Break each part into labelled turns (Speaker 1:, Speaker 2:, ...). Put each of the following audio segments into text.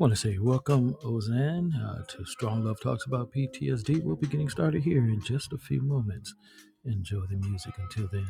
Speaker 1: want to say welcome, Ozan, uh, to Strong Love Talks About PTSD. We'll be getting started here in just a few moments. Enjoy the music until then.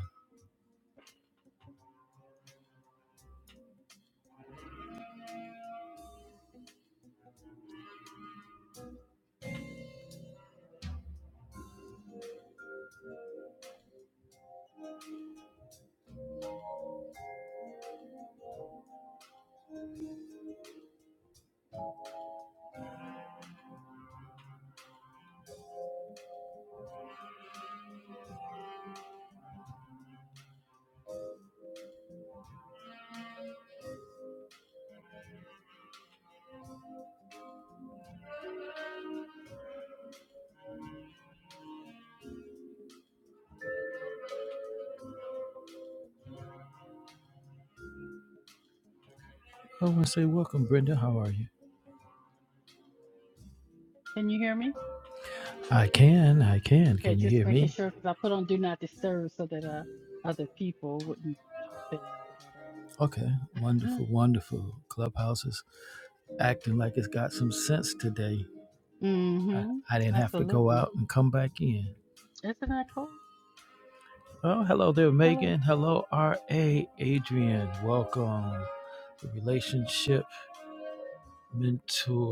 Speaker 1: I want to say welcome, Brenda. How are you?
Speaker 2: Can you hear me?
Speaker 1: I can, I can.
Speaker 2: Okay,
Speaker 1: Can you
Speaker 2: just
Speaker 1: hear
Speaker 2: making
Speaker 1: me?
Speaker 2: sure because I put on do not disturb so that uh, other people wouldn't pop in like
Speaker 1: Okay,
Speaker 2: I had earlier.
Speaker 1: wonderful, wonderful. Clubhouse is acting like it's got some sense today. I,
Speaker 2: mm-hmm.
Speaker 1: I didn't have to go
Speaker 2: Absolutely.
Speaker 1: out and come back in.
Speaker 2: Isn't that cool?
Speaker 1: Oh, hello there,
Speaker 2: Hello.
Speaker 1: Megan. Hello, R.A. Adrian. Welcome. The relationship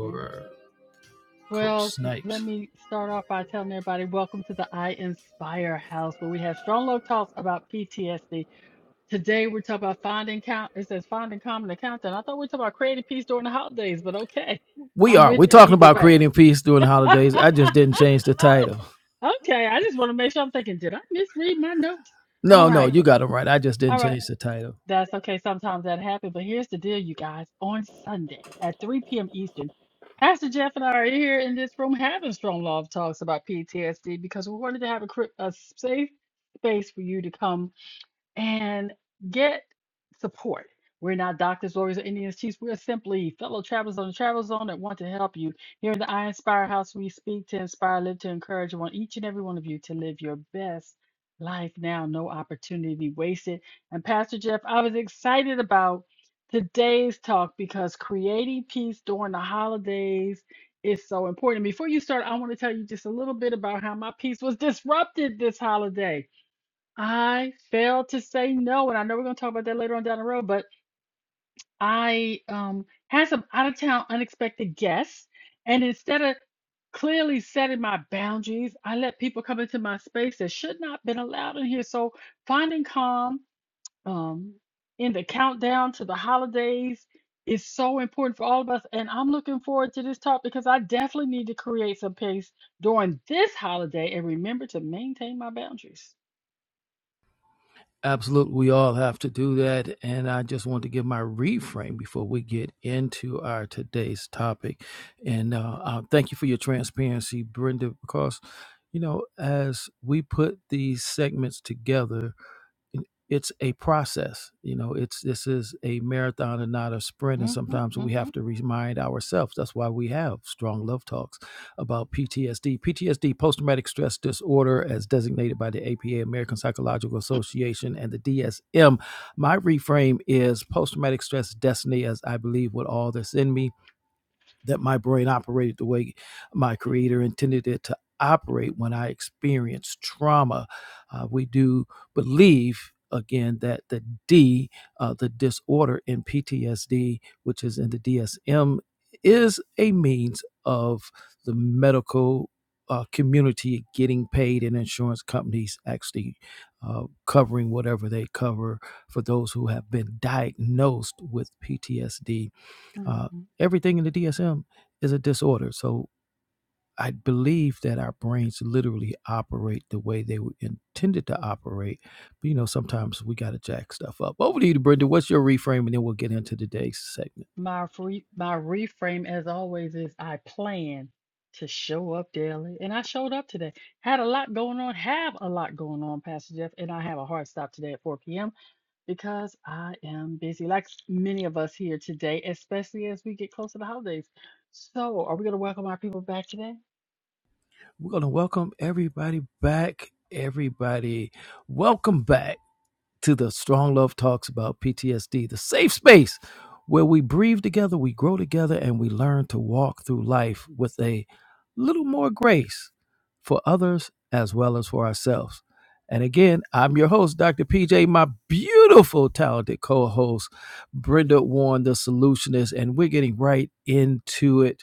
Speaker 2: Yeah.
Speaker 1: Coach
Speaker 2: Well, let
Speaker 1: Snipes.
Speaker 2: me start off by telling everybody welcome to the I Inspire House where we have strong low talks about PTSD. Today we're talking about finding count. It says finding common accountant. I thought we were talking about creating peace during the holidays, but okay,
Speaker 1: We
Speaker 2: I'm
Speaker 1: are.
Speaker 2: with
Speaker 1: We're
Speaker 2: it
Speaker 1: talking
Speaker 2: either
Speaker 1: about
Speaker 2: way.
Speaker 1: creating peace during the holidays. I just didn't change the title.
Speaker 2: Okay, I just want to make sure I'm thinking, did I misread my notes? All
Speaker 1: No, no,
Speaker 2: right,
Speaker 1: you got it right. I just
Speaker 2: all
Speaker 1: didn't
Speaker 2: right.
Speaker 1: change the title.
Speaker 2: That's okay. Sometimes that happens. But here's the deal, you guys. On Sundays at 3 p.m. Eastern, Pastor Jeff and I are here in this room having strong love talks about PTSD because we wanted to have a, cri- a safe space for you to come and get support. We're not doctors, lawyers, or Indians chiefs. We're simply fellow travelers on the travel zone that want to help you. Here in the I Inspire House, we speak to inspire, live to encourage. We want each and every one of you to live your best life now. No opportunity wasted. And Pastor Jeff, I was excited about today's talk because creating peace during the holidays is so important. Before you start, I want to tell you just a little bit about how my peace was disrupted this holiday. I failed to say no, and I know we're going to talk about that later on down the road, but I um, had some out of town unexpected guests, and instead of clearly setting my boundaries, I let people come into my space that should not been allowed in here. So finding calm um, in the countdown to the holidays is so important for all of us, and I'm looking forward to this talk because I definitely need to create some pace during this holiday and remember to maintain my boundaries.
Speaker 1: Absolutely, we all have to do that. And I just want to give my reframe before we get into our today's topic. And uh, uh, thank you for your transparency, Brenda, because, you know, as we put these segments together, it's a process you know it's this is a marathon and not a sprint and sometimes we
Speaker 2: hmm
Speaker 1: have to remind ourselves that's why we have strong love talks about ptsd ptsd post-traumatic stress disorder as designated by the apa american psychological association and the dsm my reframe is post-traumatic stress destiny as i believe with all that's in me that my brain operated the way my creator intended it to operate when I experience trauma. Uh, we do believe again that the D, uh, the disorder in PTSD, which is in the DSM, is a means of the medical. Uh, community getting paid and insurance companies actually uh, covering whatever they cover for those who have been diagnosed with PTSD uh,
Speaker 2: Mhm.
Speaker 1: everything in the DSM is a disorder. So I believe that our brains literally operate the way they were intended to operate. But you know, sometimes we got to jack stuff up. Over to you, Brenda. What's your reframe? And then we'll get into today's segment.
Speaker 2: My free, my reframe, as always, is I plan to show up daily, and I showed up today. Had a lot going on, have a lot going on, Pastor Jeff, and I have a hard stop today at 4 p.m. because I am busy, like s- many of us here today, especially as we get close to the holidays. So, are we going to welcome our people back today?
Speaker 1: We're going to welcome everybody back. Everybody, welcome back to the Strong Love Talks about PTSD, the safe space where we breathe together, we grow together, and we learn to walk through life with a little more grace for others as well as for ourselves. And again, I'm your host, Dr. PJ, my beautiful, talented co host, Brenda Warren, the solutionist, and we're getting right into it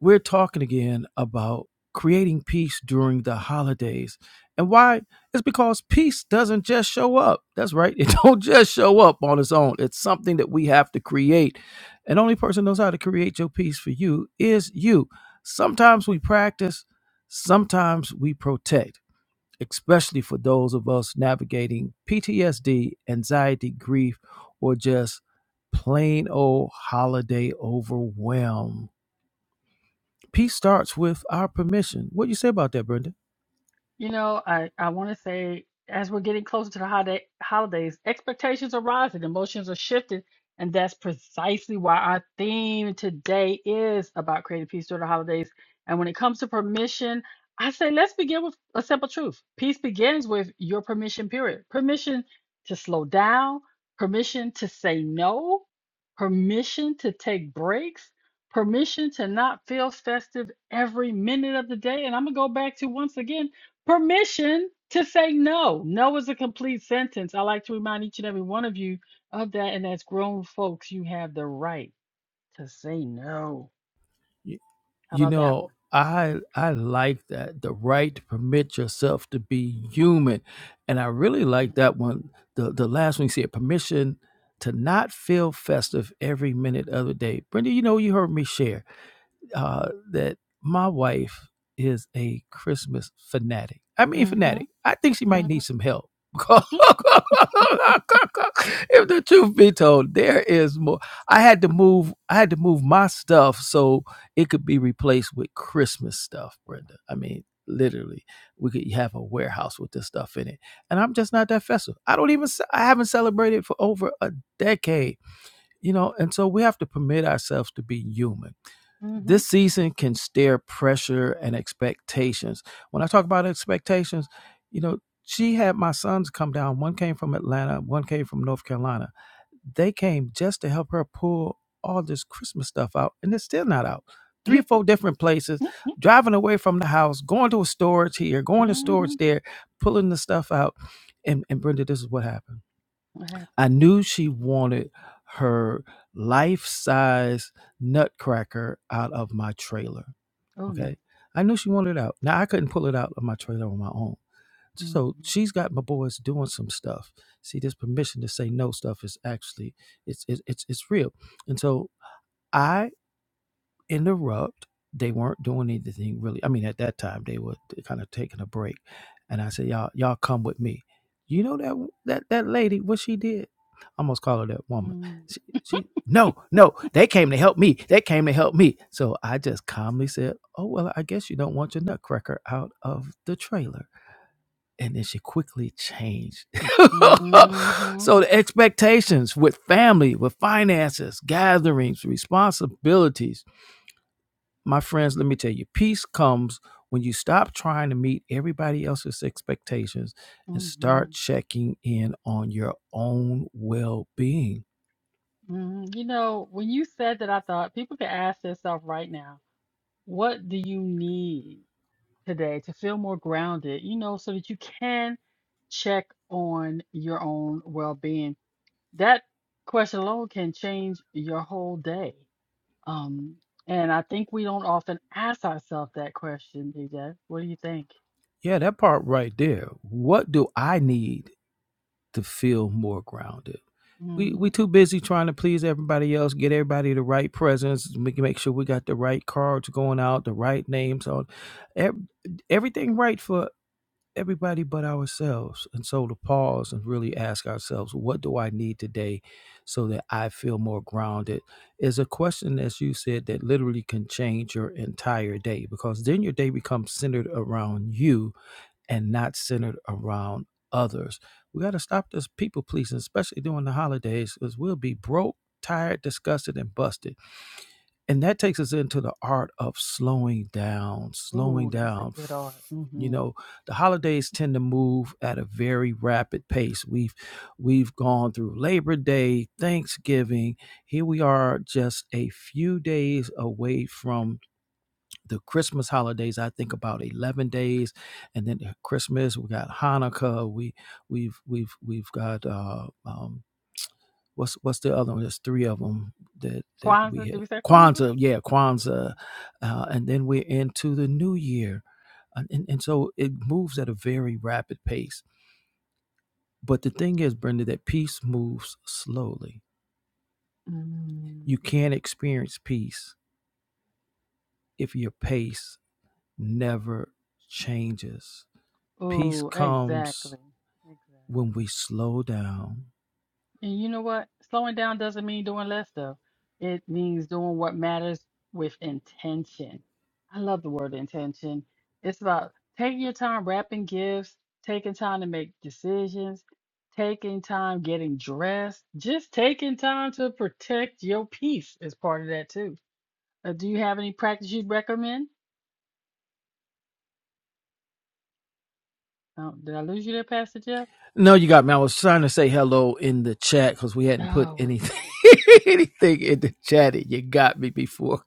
Speaker 1: we're talking again about creating peace during the holidays. And why? It's because peace doesn't just show up. That's right. It don't just show up on its own. It's something that we have to create. And the only person knows how to create your peace for you is you. Sometimes we practice, sometimes we protect, especially for those of us navigating PTSD, anxiety, grief, or just plain old holiday overwhelm. Peace starts with our permission. What do you say about that, Brenda?
Speaker 2: You know, I, I want to say as we're getting closer to the holiday, holidays, expectations are rising, emotions are shifting, and that's precisely why our theme today is about creating peace during the holidays. And when it comes to permission, I say let's begin with a simple truth. Peace begins with your permission period. Permission to slow down, permission to say no, permission to take breaks, permission to not feel festive every minute of the day. And I'm gonna go back to once again permission to say no. No is a complete sentence. I like to remind each and every one of you of that. And as grown folks, you have the right to say no.
Speaker 1: Y-
Speaker 2: How
Speaker 1: You
Speaker 2: about that
Speaker 1: know,
Speaker 2: one?
Speaker 1: I I like that the right to permit yourself to be human, and I really like that one. The the last one you said, permission to not feel festive every minute of the day. Brenda, you know, you heard me share. uh, that my wife is a Christmas fanatic. I mean,
Speaker 2: hmm hmm
Speaker 1: fanatic. I think she might need
Speaker 2: hmm
Speaker 1: some help. if the truth be told, there is more. I had to move. I had to move my stuff so it could be replaced with Christmas stuff, Brenda. I mean, literally, we could have a warehouse with this stuff in it. And I'm just not that festive. I don't even. I haven't celebrated for over a decade, you know. And so we have to permit ourselves to be human
Speaker 2: hmm
Speaker 1: this season can stir pressure and expectations. When I talk about expectations, you know, she had my sons come down. One came from Atlanta, one came from North Carolina. They came just to help her pull all this Christmas stuff out, and it's still not out. Three or four different places, driving away from the house, going to a storage here, going to storage
Speaker 2: hmm
Speaker 1: there, pulling the stuff out. And, and Brenda, this is what happened I knew she wanted her life size nutcracker out of my trailer.
Speaker 2: Oh no.
Speaker 1: Okay. I knew she wanted it out. Now I couldn't pull it out of my trailer on my own.
Speaker 2: hmm
Speaker 1: So she's got my boys doing some stuff. See, this permission to say no stuff is actually it's it's it's, it's real. And so I interrupt. They weren't doing anything really. I mean, at that time they were kind of taking a break, and I said, "Y'all, y'all come with me." You know that that that lady, what she did? I almost call her that woman. She, she, no, no, they came to help me. They came to help me. So I just calmly said, "Oh well, I guess you don't want your nutcracker out of the trailer." And then she quickly changed.
Speaker 2: hmm hmm
Speaker 1: so the expectations with family, with finances, gatherings, responsibilities my friends, let me tell you, peace comes when you stop trying to meet everybody else's expectations and start checking in on your own well being.
Speaker 2: hmm You know, when you said that, I thought people could ask themselves right now, what do you need? today to feel more grounded, you know, so that you can check on your own well being. That question alone can change your whole day. Um, and I think we don't often ask ourselves that question, DJ. What do you think?
Speaker 1: Yeah, that part right there. What do I need to feel more grounded? We,
Speaker 2: Mm-hmm.
Speaker 1: we too busy trying to please everybody else, get everybody the right presents, make make sure we got the right cards going out, the right names on, ev- everything right for everybody but ourselves. And so to pause
Speaker 2: Yeah.
Speaker 1: and really ask ourselves, what do I need today so that I feel more grounded is a question, as you said, that literally can change your entire day because then your day becomes centered around you and not centered around others. We got to stop this people pleasing, especially during the holidays, because we'll be broke, tired, disgusted, and busted and that takes us into the art of slowing down slowing
Speaker 2: Ooh, that's a
Speaker 1: down
Speaker 2: good art.
Speaker 1: you
Speaker 2: Mm-hmm.
Speaker 1: know the holidays tend to move at a very rapid pace we've we've gone through labor day thanksgiving here we are just a few days away from the christmas holidays i think about 11 days and then christmas we got hanukkah we we've we've we've got uh, um, what's what's the other one? There's three of them that that we
Speaker 2: Kwanzaa, did
Speaker 1: had.
Speaker 2: we say Kwanzaa?
Speaker 1: Kwanzaa, yeah, Kwanzaa, uh, and then we're into the new year, and, and and so it moves at a very rapid pace. But the thing is, Brenda, that peace moves slowly.
Speaker 2: Mm.
Speaker 1: You can't experience peace if your pace never changes. Peace
Speaker 2: Ooh,
Speaker 1: comes
Speaker 2: exactly.
Speaker 1: when
Speaker 2: Exactly.
Speaker 1: we slow down
Speaker 2: And you know what? Slowing down doesn't mean doing less stuff. It means doing what matters with intention. I love the word intention. It's about taking your time wrapping gifts, taking time to make decisions, taking time getting dressed, just taking time to protect your peace is part of that too. Uh, do you have any practice you'd recommend? Oh, did I lose you there, Pastor Jeff?
Speaker 1: No, you got me. I was trying to say hello in the chat because we hadn't put
Speaker 2: Oh, okay.
Speaker 1: anything anything in the chat. and You got me before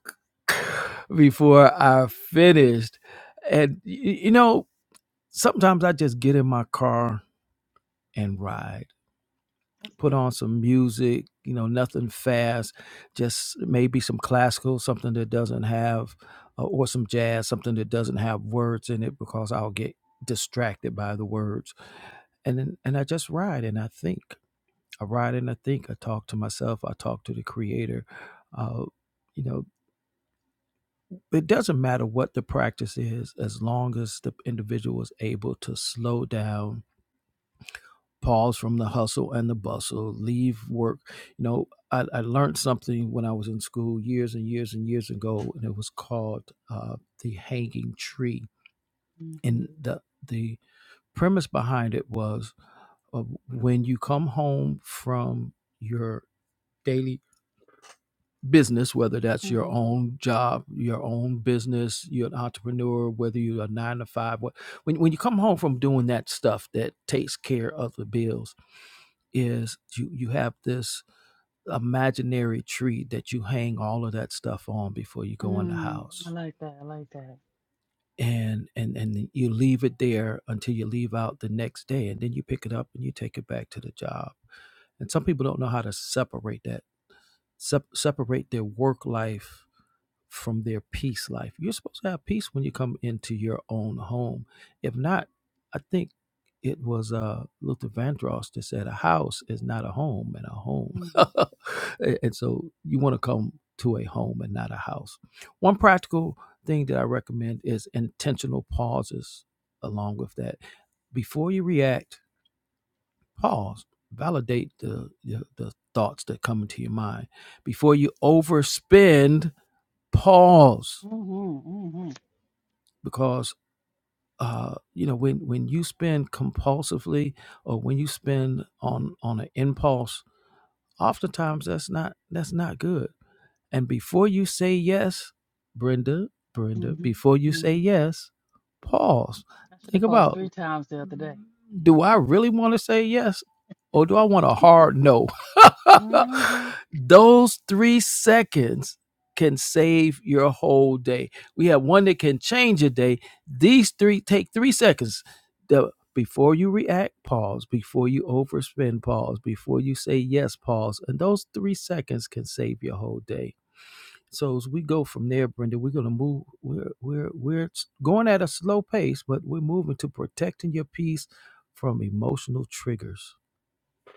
Speaker 1: before I finished, and y- you know sometimes I just get in my car and ride.
Speaker 2: That's a
Speaker 1: put
Speaker 2: good
Speaker 1: on
Speaker 2: one.
Speaker 1: some music, you know, nothing fast, just maybe some classical, something that doesn't have, uh, or some jazz, something that doesn't have words in it because I'll get distracted by the words. And then, and I just ride and I think. I ride and I think. I talk to myself. I talk to the creator. Uh, you know, it doesn't matter what the practice is as long as the individual is able to slow down pause from the hustle and the bustle, leave work. You know, I, I learned something when I was in school years and years and years ago, and it was called uh, the hanging tree. And
Speaker 2: Mm-hmm.
Speaker 1: the the premise behind it was uh, when you come home from your daily business, whether that's your
Speaker 2: Mm-hmm.
Speaker 1: own job, your own business, you're an entrepreneur, whether you're a nine to five, what when when you come home from doing that stuff that takes care of the bills, is you you have this imaginary tree that you hang all of that stuff on before you go in the
Speaker 2: Mm, I
Speaker 1: house
Speaker 2: like that. I like that.
Speaker 1: and and and you leave it there until you leave out the next day and then you pick it up and you take it back to the job and some people don't know how to separate that se separate their work life from their peace life. You're supposed to have peace when you come into your own home. If not, I think it was uh, Luther Vandross that said, "A house is not a home, and a home."
Speaker 2: Mm-hmm.
Speaker 1: and and so you want to come to a home and not a house. One practical thing that I recommend is intentional pauses. Along with that, before you react, pause. Validate the the the thoughts that come into your mind before you overspend. Pause
Speaker 2: Mm-hmm, mm-hmm,
Speaker 1: because uh, you know when when you spend compulsively or when you spend on on an impulse, oftentimes that's not that's not good. And before you say yes, Brenda, Brenda, before you
Speaker 2: mm-hmm.
Speaker 1: say yes, pause.
Speaker 2: I should
Speaker 1: Think
Speaker 2: have paused
Speaker 1: about
Speaker 2: three times the other day.
Speaker 1: do I really want to say yes or do I want a hard no?
Speaker 2: Mm-hmm.
Speaker 1: Those three seconds can save your whole day. We have one that can change a day. These three take three seconds. The- before you react, pause. Before you overspend, pause. Before you say yes, pause. And those three seconds can save your whole day. So as we go from there, Brenda, we're gonna move. We're we're we're going at a slow pace, but we're moving to protecting your peace from emotional triggers.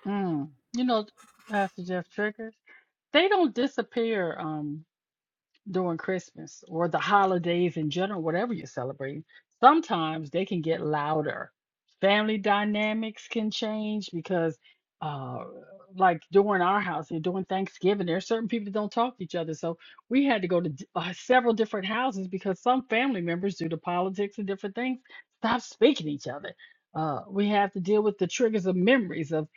Speaker 2: Mm. You know, Pastor Jeff Triggers, they don't disappear. Um, during Christmas or the holidays in general, whatever you're celebrating, sometimes they can get louder. Family dynamics can change because, uh, like during our house and during Thanksgiving, there are certain people that don't talk to each other. So we had to go to d- uh, several different houses because some family members, due to politics and different things, stop speaking to each other. Uh, we have to deal with the triggers of memories of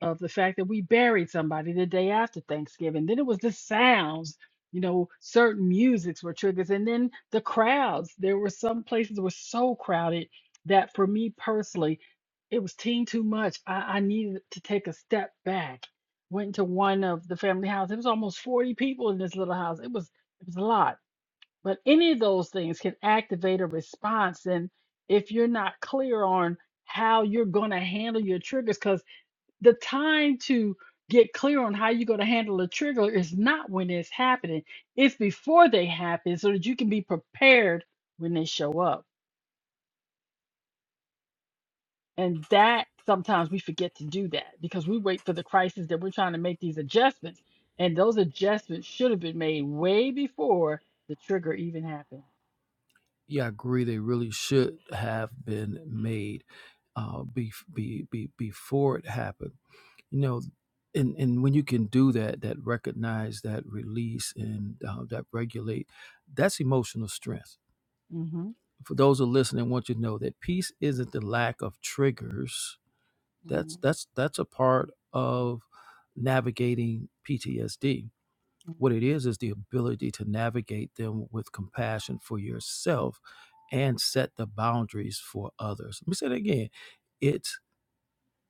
Speaker 2: of the fact that we buried somebody the day after Thanksgiving. Then it was the sounds you know, certain musics were triggers. And then the crowds, there were some places that were so crowded that for me personally, it was teen too much. I, I needed to take a step back. Went to one of the family house. It was almost 40 people in this little house. It was it was a lot. But any of those things can activate a response. And if you're not clear on how you're gonna handle your triggers, because the time to get clear on how you're going to handle a trigger is not when it's happening it's before they happen so that you can be prepared when they show up And that sometimes we forget to do that because we wait for the crisis that we're trying to make these adjustments. And those adjustments should have been made way before the trigger even happened.
Speaker 1: Yeah, I agree. They really should have been made uh, be, be, be, before it happened. You know, and and when you can do that, that recognize, that release, and uh, that regulate, that's emotional strength.
Speaker 2: Mm-hmm.
Speaker 1: For those who are listening, I want you to know that peace isn't the lack of triggers That's
Speaker 2: Mm-hmm.
Speaker 1: that's that's a part of navigating PTSD. What it
Speaker 2: Mm-hmm.
Speaker 1: is is the ability to navigate them with compassion for yourself and set the boundaries for others. Let me say that again. It's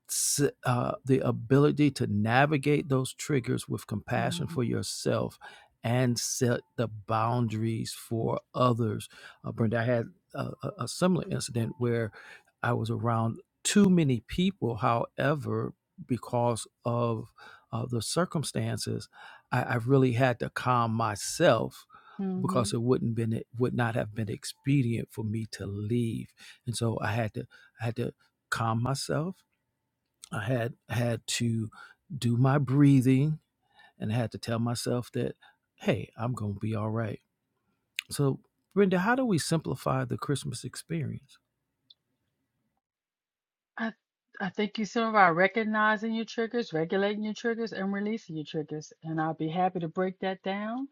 Speaker 1: s- uh, the ability to navigate those triggers with compassion
Speaker 2: Mm-hmm.
Speaker 1: for yourself and set the boundaries for others. Uh, Brenda, I had a, a a similar incident where I was around too many people. However, because of uh, the circumstances, I, I really had to calm myself
Speaker 2: Mm-hmm.
Speaker 1: because it wouldn't been it would not have been expedient for me to leave. And so I had to I had to calm myself I had had to do my breathing and had to tell myself that, hey, I'm gonna be all right. So, Brenda, how do we simplify the Christmas experience?
Speaker 2: I I think you said about recognizing your triggers, regulating your triggers, and releasing your triggers. And I'll be happy to break that down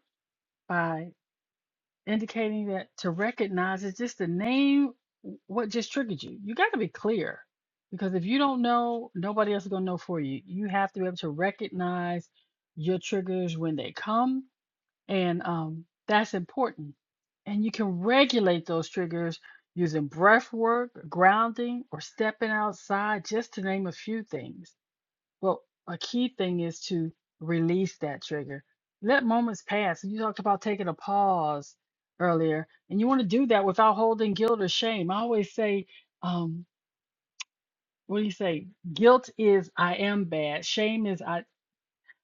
Speaker 2: by indicating that to recognize is just to name w- what just triggered you. You got to be clear because if you don't know, nobody else is going to know for you. You have to be able to recognize your triggers when they come and um, that's important. And you can regulate those triggers using breath work, grounding, or stepping outside, just to name a few things. Well, a key thing is to release that trigger. Let moments pass. You talked about taking a pause earlier, and you want to do that without holding guilt or shame. I always say, um, what do you say? Guilt is I am bad. Shame is I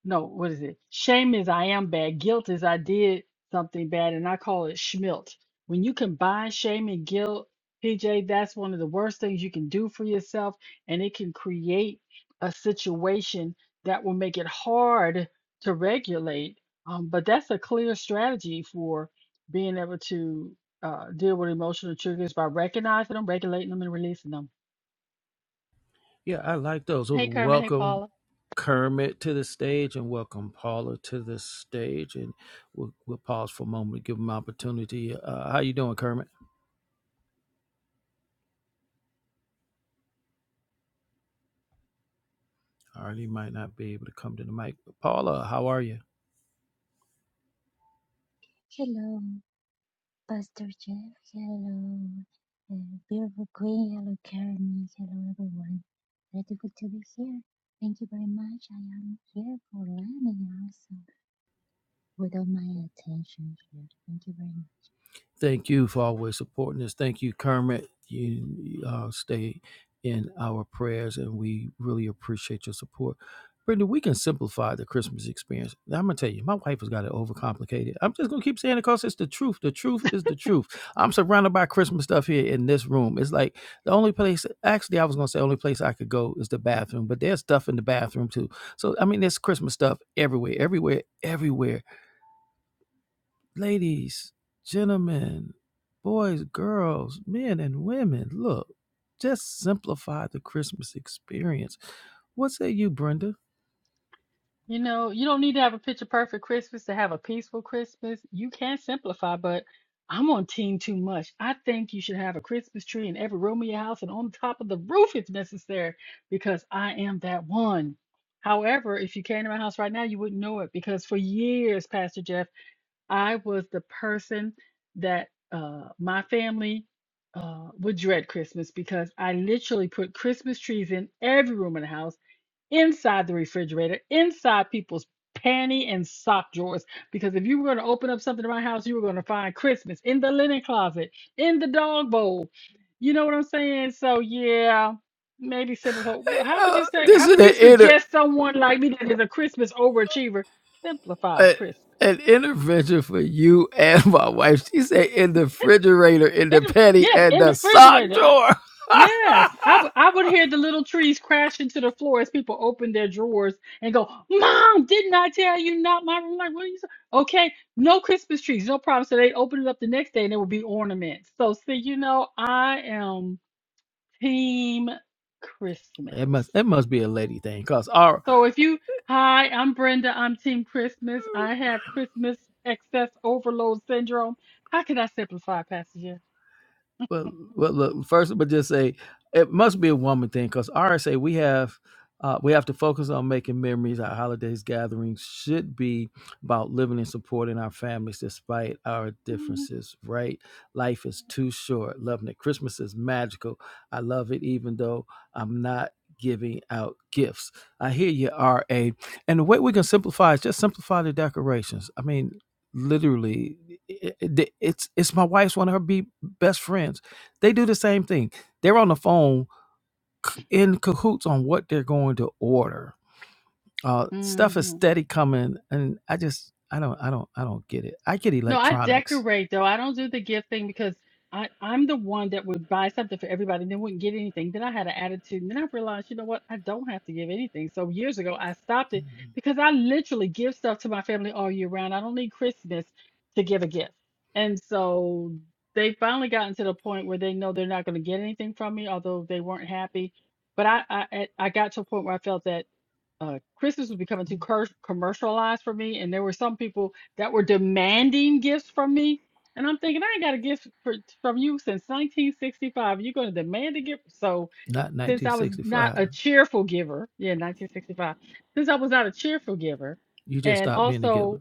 Speaker 2: no, what is it? Shame is I am bad. Guilt is I did something bad, and I call it schmilt. When you combine shame and guilt, PJ, that's one of the worst things you can do for yourself, and it can create a situation that will make it hard to regulate. Um, but that's a clear strategy for being able to uh, deal with emotional triggers by recognizing them, regulating them, and releasing them.
Speaker 1: Yeah, I like those. Well,
Speaker 2: Hey, Carmen. Hey,
Speaker 1: Welcome
Speaker 2: Paula.
Speaker 1: Kermit to the stage and welcome Paula to the stage. And we'll, we'll pause for a moment to give him opportunity. Uh, how you doing, Kermit? All right, he might not be able to come to the mic. But Paula, how are you?
Speaker 3: Hello, Pastor Jeff. Hello, uh, beautiful Queen. Hello, Karen. Hello, everyone. Grateful to be here. Thank you very much. I am here for learning also with all my attention here. Thank you very much.
Speaker 1: Thank you for always supporting us. Thank you, Kermit. You uh, stay in our prayers, and we really appreciate your support. Brittany, we can simplify the Christmas experience. Now, I'm gonna tell you, my wife has got it overcomplicated. I'm just gonna keep saying it because it's the truth. The truth is the truth. I'm surrounded by Christmas stuff here in this room. It's like the only place. Actually, I was gonna say the only place I could go is the bathroom, but there's stuff in the bathroom too. So I mean, there's Christmas stuff everywhere, everywhere, everywhere ladies, gentlemen, boys, girls, men, and women, look, just simplify the Christmas experience. What say you, Brenda?
Speaker 2: You know, you don't need to have a picture perfect Christmas to have a peaceful Christmas. You can simplify, but I'm on team too much. I think you should have a Christmas tree in every room of your house and on top of the roof if necessary, because I am that one. However, if you came to my house right now, you wouldn't know it because for years, Pastor Jeff, I was the person that uh, my family uh, would dread Christmas because I literally put Christmas trees in every room in the house inside the refrigerator, inside people's panty and sock drawers. Because if you were going to open up something in my house, you were going to find Christmas in the linen closet, in the dog bowl. You know what I'm saying? So yeah, maybe simplify. How would
Speaker 1: Uh,
Speaker 2: you say?
Speaker 1: this
Speaker 2: How
Speaker 1: is
Speaker 2: would
Speaker 1: an
Speaker 2: you
Speaker 1: inter
Speaker 2: suggest someone like me that is a Christmas overachiever simplify
Speaker 1: uh,
Speaker 2: Christmas?
Speaker 1: an intervention for you and my wife. She said in the refrigerator, in
Speaker 2: In,
Speaker 1: the petty,
Speaker 2: yes,
Speaker 1: and
Speaker 2: in the
Speaker 1: the sock
Speaker 2: refrigerator.
Speaker 1: drawer.
Speaker 2: Yes, I would I would hear the little trees crashing to the floor as people open their drawers and go, Mom, didn't I tell you not my room? Like, what are you saying? Okay, no Christmas trees, no problem. So they open it up the next day and there would be ornaments. So, see, you know, I am team
Speaker 1: it must
Speaker 2: Christmas.
Speaker 1: it must be a lady thing, cause our
Speaker 2: So if you, hi, I'm Brenda, I'm team Christmas. I have Christmas excess overload syndrome. How can I simplify, Pastor?
Speaker 1: Well, well, look, first, but just say it must be a woman thing because RSA we have uh, we have to focus on making memories. Our holidays gatherings should be about living and supporting our families despite our
Speaker 2: Mm-hmm.
Speaker 1: differences. Right? Life is too short. Loving it. Christmas is magical. I love it, even though I'm not giving out gifts. I hear you, RA. And the way we can simplify is just simplify the decorations. I mean, literally, it- it- it's it's my wife's one of her be best friends they do the same thing. They're on the phone c- in cahoots on what they're going to order. Uh, stuff is
Speaker 2: Mm-hmm.
Speaker 1: steady coming, and I just I don't I don't I don't get it. I get
Speaker 2: No, I
Speaker 1: electronics,
Speaker 2: decorate though. I don't do the gift thing because I, I'm the one that would buy something for everybody and then wouldn't get anything. Then I had an attitude and then I realized, you know what, I don't have to give anything. So years ago I stopped it
Speaker 1: Mm-hmm.
Speaker 2: because I literally give stuff to my family all year round. I don't need Christmas to give a gift. And so they finally gotten to the point where they know they're not going to get anything from me, although they weren't happy. But I, I I I got to a point where I felt that uh, Christmas was becoming too cur- commercialized for me, and there were some people that were demanding gifts from me. And I'm thinking, I ain't got a gift for, from you since 1965. You're going to demand a gift. So,
Speaker 1: not
Speaker 2: since I was not
Speaker 1: 1965.
Speaker 2: a cheerful giver, yeah, 1965, since I was not a cheerful giver,
Speaker 1: You just
Speaker 2: and
Speaker 1: stop being a giver.
Speaker 2: also,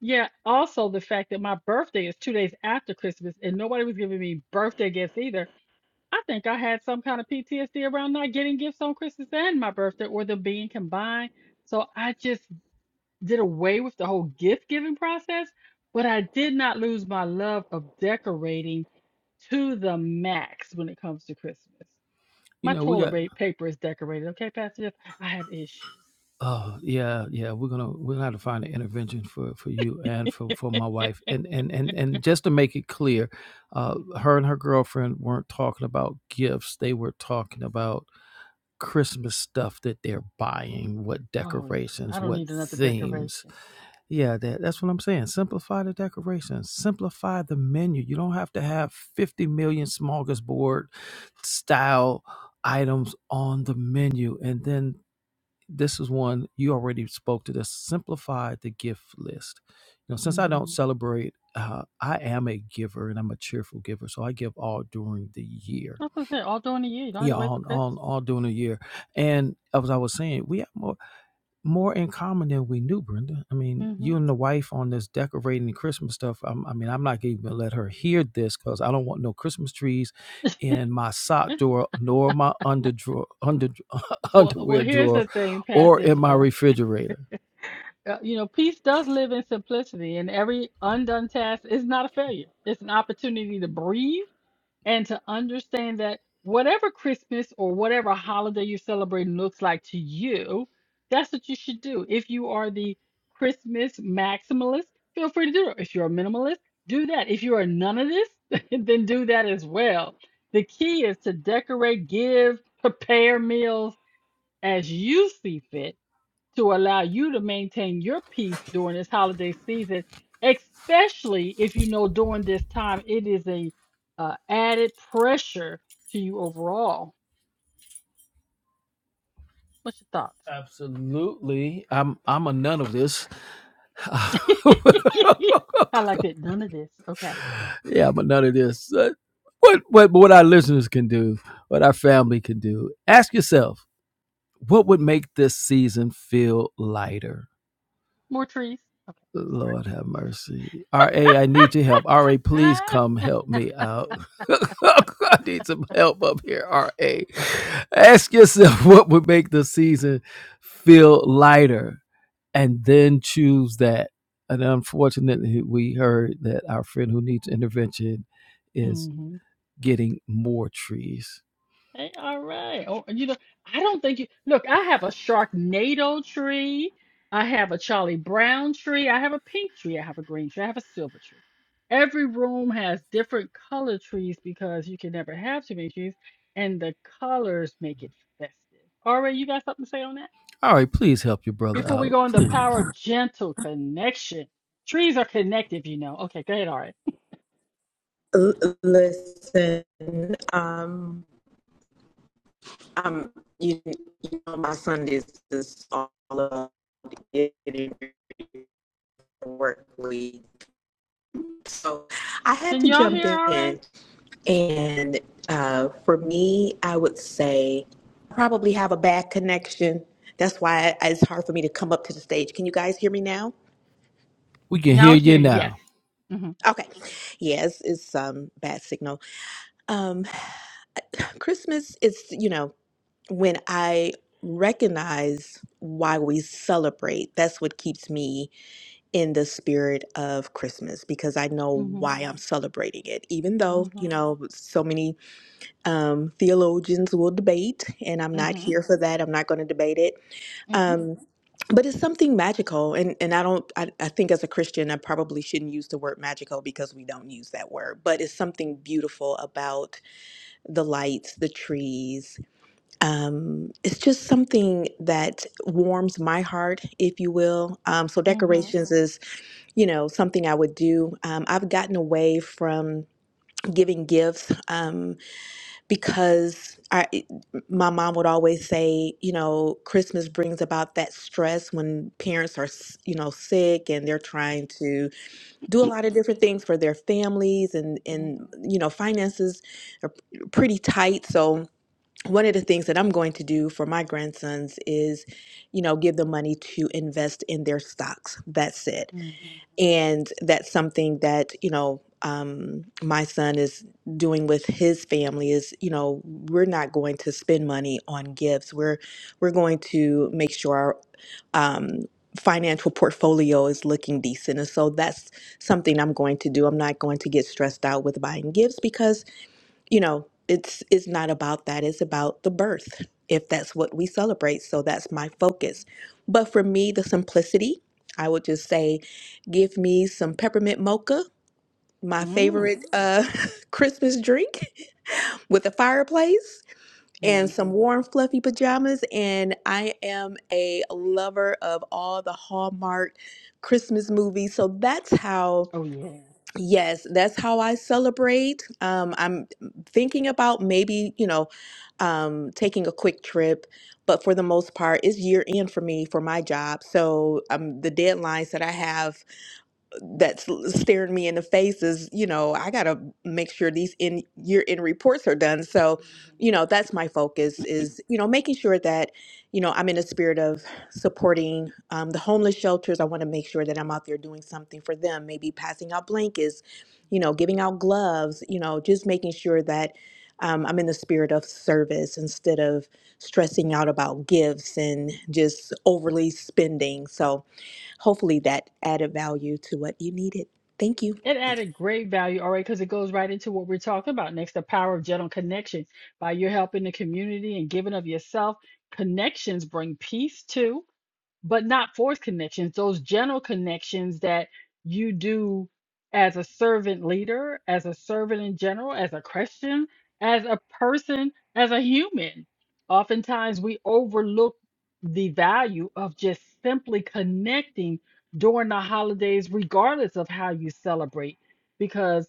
Speaker 2: yeah, also the fact that my birthday is two days after Christmas, and nobody was giving me birthday gifts either. I think I had some kind of PTSD around not getting gifts on Christmas and my birthday or them being combined. So I just did away with the whole gift giving process, but I did not lose my love of decorating to the max when it comes to Christmas.
Speaker 1: You
Speaker 2: My
Speaker 1: know we
Speaker 2: toilet
Speaker 1: got
Speaker 2: ba- paper is decorated, okay, Pastor Jeff? I have issues.
Speaker 1: Oh yeah, yeah. We're gonna we're gonna have to find an intervention for for you and for for my wife. And and and and just to make it clear, uh,
Speaker 2: Mhm.
Speaker 1: her and her girlfriend weren't talking about gifts. They were talking about Christmas stuff that they're buying, what
Speaker 2: Oh, yeah. I
Speaker 1: decorations,
Speaker 2: don't
Speaker 1: what
Speaker 2: need another
Speaker 1: themes.
Speaker 2: decoration.
Speaker 1: Yeah, that, that's what I'm saying. Simplify the decorations. Simplify the menu. You don't have to have 50 million smorgasbord style items on the menu and then this is one you already spoke to this simplify the gift list you know since i don't
Speaker 2: Mm-hmm.
Speaker 1: celebrate uh, i am a giver and i'm a cheerful giver so i give all during the year
Speaker 2: That's what I said, all during the year. You don't have
Speaker 1: yeah
Speaker 2: to wait for
Speaker 1: all
Speaker 2: Christmas
Speaker 1: all,
Speaker 2: for
Speaker 1: all
Speaker 2: it.
Speaker 1: during the year and as i was saying we have more more in common than we knew, Brenda. I mean,
Speaker 2: Mm-hmm.
Speaker 1: you and the wife on this decorating and Christmas stuff. I'm, I mean, I'm not even gonna let her hear this because I don't want no Christmas trees in my sock drawer, nor my under drawer, under
Speaker 2: Well, well,
Speaker 1: underwear
Speaker 2: here's
Speaker 1: drawer,
Speaker 2: the thing,
Speaker 1: or
Speaker 2: Pastor
Speaker 1: in my
Speaker 2: Jeff.
Speaker 1: refrigerator.
Speaker 2: Uh, You know, peace does live in simplicity, and every undone task is not a failure. It's an opportunity to breathe and to understand that whatever Christmas or whatever holiday you're celebrating looks like to you, that's what you should do. If you are the Christmas maximalist, feel free to do it. If you're a minimalist, do that. If you are none of this, then do that as well. The key is to decorate, give, prepare meals as you see fit to allow you to maintain your peace during this holiday season, especially if you know during this time it is a uh, added pressure to you overall. What's your thoughts?
Speaker 1: Absolutely, I'm I'm a none of this.
Speaker 2: I like that. None of this. Okay.
Speaker 1: yeah, I'm a none of this. Uh, What what what our listeners can do, what our family can do. Ask yourself, what would make this season feel lighter?
Speaker 2: More trees. Okay.
Speaker 1: Lord have mercy. RA, I need your help. RA,
Speaker 2: I'm sorry.
Speaker 1: please come help me out. I need some help up here, RA. Ask yourself what would make the season feel lighter and then choose that. And unfortunately, we heard that our friend who needs intervention is
Speaker 2: Ah.
Speaker 1: getting more trees.
Speaker 2: Hey, all right. Oh, you know, I don't think you look, I have a Sharknado tree. I have a Charlie Brown tree. I have a pink tree. I have a green tree. I have a silver tree. Every room has different color trees because you can never have too many trees, and the colors make it festive. All right, you got something to say on that?
Speaker 1: All right, please help your brother
Speaker 2: Before we
Speaker 1: out,
Speaker 2: go on the
Speaker 1: please.
Speaker 2: power of gentle connection. Trees are connective, you know. Okay, go ahead, all right.
Speaker 4: L- listen, um, um, you, you know, my Sundays is all about getting ready for work week. So I had
Speaker 2: Can
Speaker 4: to
Speaker 2: y'all
Speaker 4: jump
Speaker 2: hear all right?
Speaker 4: in, and uh, for me, I would say I probably have a bad connection. That's why it's hard for me to come up to the stage. Can you guys hear me now?
Speaker 1: We can
Speaker 2: Now
Speaker 1: hear
Speaker 2: I can
Speaker 1: you
Speaker 2: hear you. Yes.
Speaker 1: now.
Speaker 2: Mm-hmm.
Speaker 4: Okay. Yes, it's um bad signal. Um Christmas is, you know. when I recognize why we celebrate, that's what keeps me in the spirit of Christmas because I know
Speaker 2: Mm-hmm.
Speaker 4: why I'm celebrating it. Even though,
Speaker 2: Mm-hmm.
Speaker 4: you know, so many um, theologians will debate, and I'm not
Speaker 2: Mm-hmm.
Speaker 4: here for that, I'm not going to debate it.
Speaker 2: Mm-hmm.
Speaker 4: Um, but it's something magical, and, and I don't. I, I think as a Christian, I probably shouldn't use the word magical because we don't use that word. But it's
Speaker 2: Mm-hmm.
Speaker 4: something beautiful about the lights, the trees, um, it's just something that warms my heart, if you will. Um, so
Speaker 2: Mm-hmm.
Speaker 4: decorations is, you know, something I would do. Um, I've gotten away from giving gifts um, because I, it- my mom would always say, you know, Christmas brings about that stress when parents are, s- you know, sick and they're trying to do a lot of different things for their families and and you know finances are pretty tight. So one of the things that I'm going to do for my grandsons is, you know, give them money to invest in their stocks. That's it.
Speaker 2: Mm-hmm.
Speaker 4: And that's something that, you know, um, my son is doing with his family is, you know, we're not going to spend money on gifts. We're we're going to make sure our um, financial portfolio is looking decent. And so that's something I'm going to do. I'm not going to get stressed out with buying gifts because you know it's it's not about that it's about the birth if that's what we celebrate so that's my focus but for me the simplicity i would just say give me some peppermint mocha my
Speaker 2: Mm-hmm.
Speaker 4: favorite uh christmas drink with a fireplace and
Speaker 2: Mm-hmm.
Speaker 4: some warm fluffy pajamas and i am a lover of all the hallmark christmas movies so that's how
Speaker 2: Oh yeah.
Speaker 4: Yes, that's how I celebrate. Um, I'm thinking about maybe, you know, um, taking a quick trip, but for the most part, it's year end for me for my job. So um, the deadlines that I have that's staring me in the face is you know i gotta make sure these in year end reports are done so
Speaker 2: Mhm.
Speaker 4: you know that's my focus is you know making sure that you know i'm in the spirit of supporting um, the homeless shelters i want to make sure that i'm out there doing something for them maybe passing out blankets you know giving out gloves you know just making sure that um, i'm in the spirit of service instead of stressing out about gifts and just overly spending so Hopefully that added value to what you needed. Thank you.
Speaker 2: It added great value, all right, because it goes right into what we're talking about next, the power of gentle connection. By you helping the community and giving of yourself, connections bring peace too. but not forced connections, those general connections that you do as a servant leader, as a servant in general, as a Christian, as a person, as a human. Oftentimes we overlook the value of just simply connecting during the holidays, regardless of how you celebrate. Because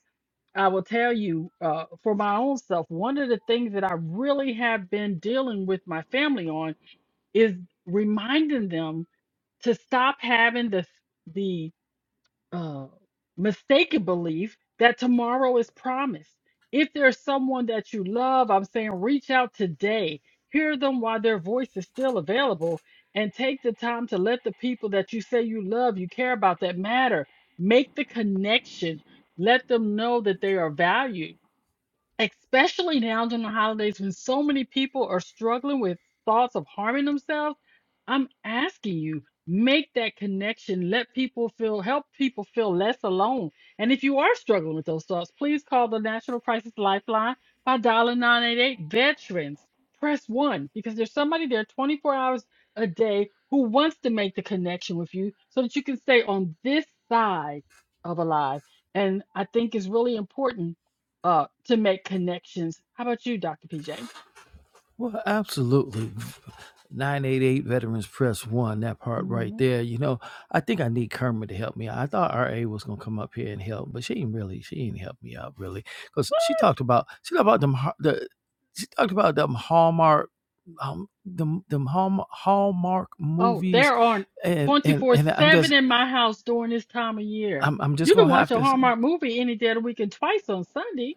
Speaker 2: I will tell you, uh, for my own self, one of the things that I really have been dealing with my family on is reminding them to stop having the the uh, mistaken belief that tomorrow is promised. If there's someone that you love, I'm saying reach out today. Hear them while their voice is still available, and take the time to let the people that you say you love, you care about, that matter, make the connection. Let them know that they are valued especially now during the holidays when so many people are struggling with thoughts of harming themselves, I'm asking you, make that connection. Let people feel, help people feel less alone. And if you are struggling with those thoughts, please call the National Crisis Lifeline by dialing 988 Veterans. Press one because there's somebody there 24 hours a day who wants to make the connection with you so that you can stay on this side of alive. And I think it's really important uh, to make connections. How about you, Dr. PJ?
Speaker 1: Well, absolutely. 988 Veterans Press One, that part right
Speaker 2: Mhm.
Speaker 1: there. You know, I think I need Kermit to help me out. I thought RA was gonna come up here and help, but she ain't really, she ain't helped me out really. Because she talked about she talked about them har- the she talked about them Hallmark um them them Hallmark, Hallmark
Speaker 2: Oh,
Speaker 1: movies
Speaker 2: there are
Speaker 1: and and
Speaker 2: 24
Speaker 1: and I'm
Speaker 2: 7
Speaker 1: just
Speaker 2: in my house during this time of year.
Speaker 1: I'm I'm just
Speaker 2: You can
Speaker 1: gonna
Speaker 2: watch
Speaker 1: have
Speaker 2: a
Speaker 1: to say,
Speaker 2: Hallmark movie any day of the week and twice on Sunday.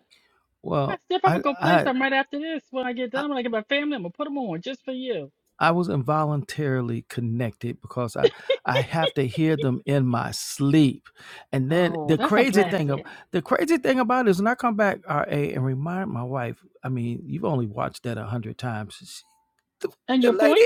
Speaker 2: I
Speaker 1: well,
Speaker 2: still
Speaker 1: I
Speaker 2: probably go play
Speaker 1: I
Speaker 2: some
Speaker 1: I
Speaker 2: right after this when I get done. When I get my family, I'm going to put them on just for you.
Speaker 1: I was involuntarily connected because I I have to hear them in my sleep. And then
Speaker 2: Oh,
Speaker 1: the
Speaker 2: that's a
Speaker 1: crazy thing of
Speaker 2: blessing.
Speaker 1: the crazy thing about it is when I come back RA and remind my wife, I mean, you've only watched that a hundred times the,
Speaker 2: And
Speaker 1: the
Speaker 2: your
Speaker 1: lady
Speaker 2: point?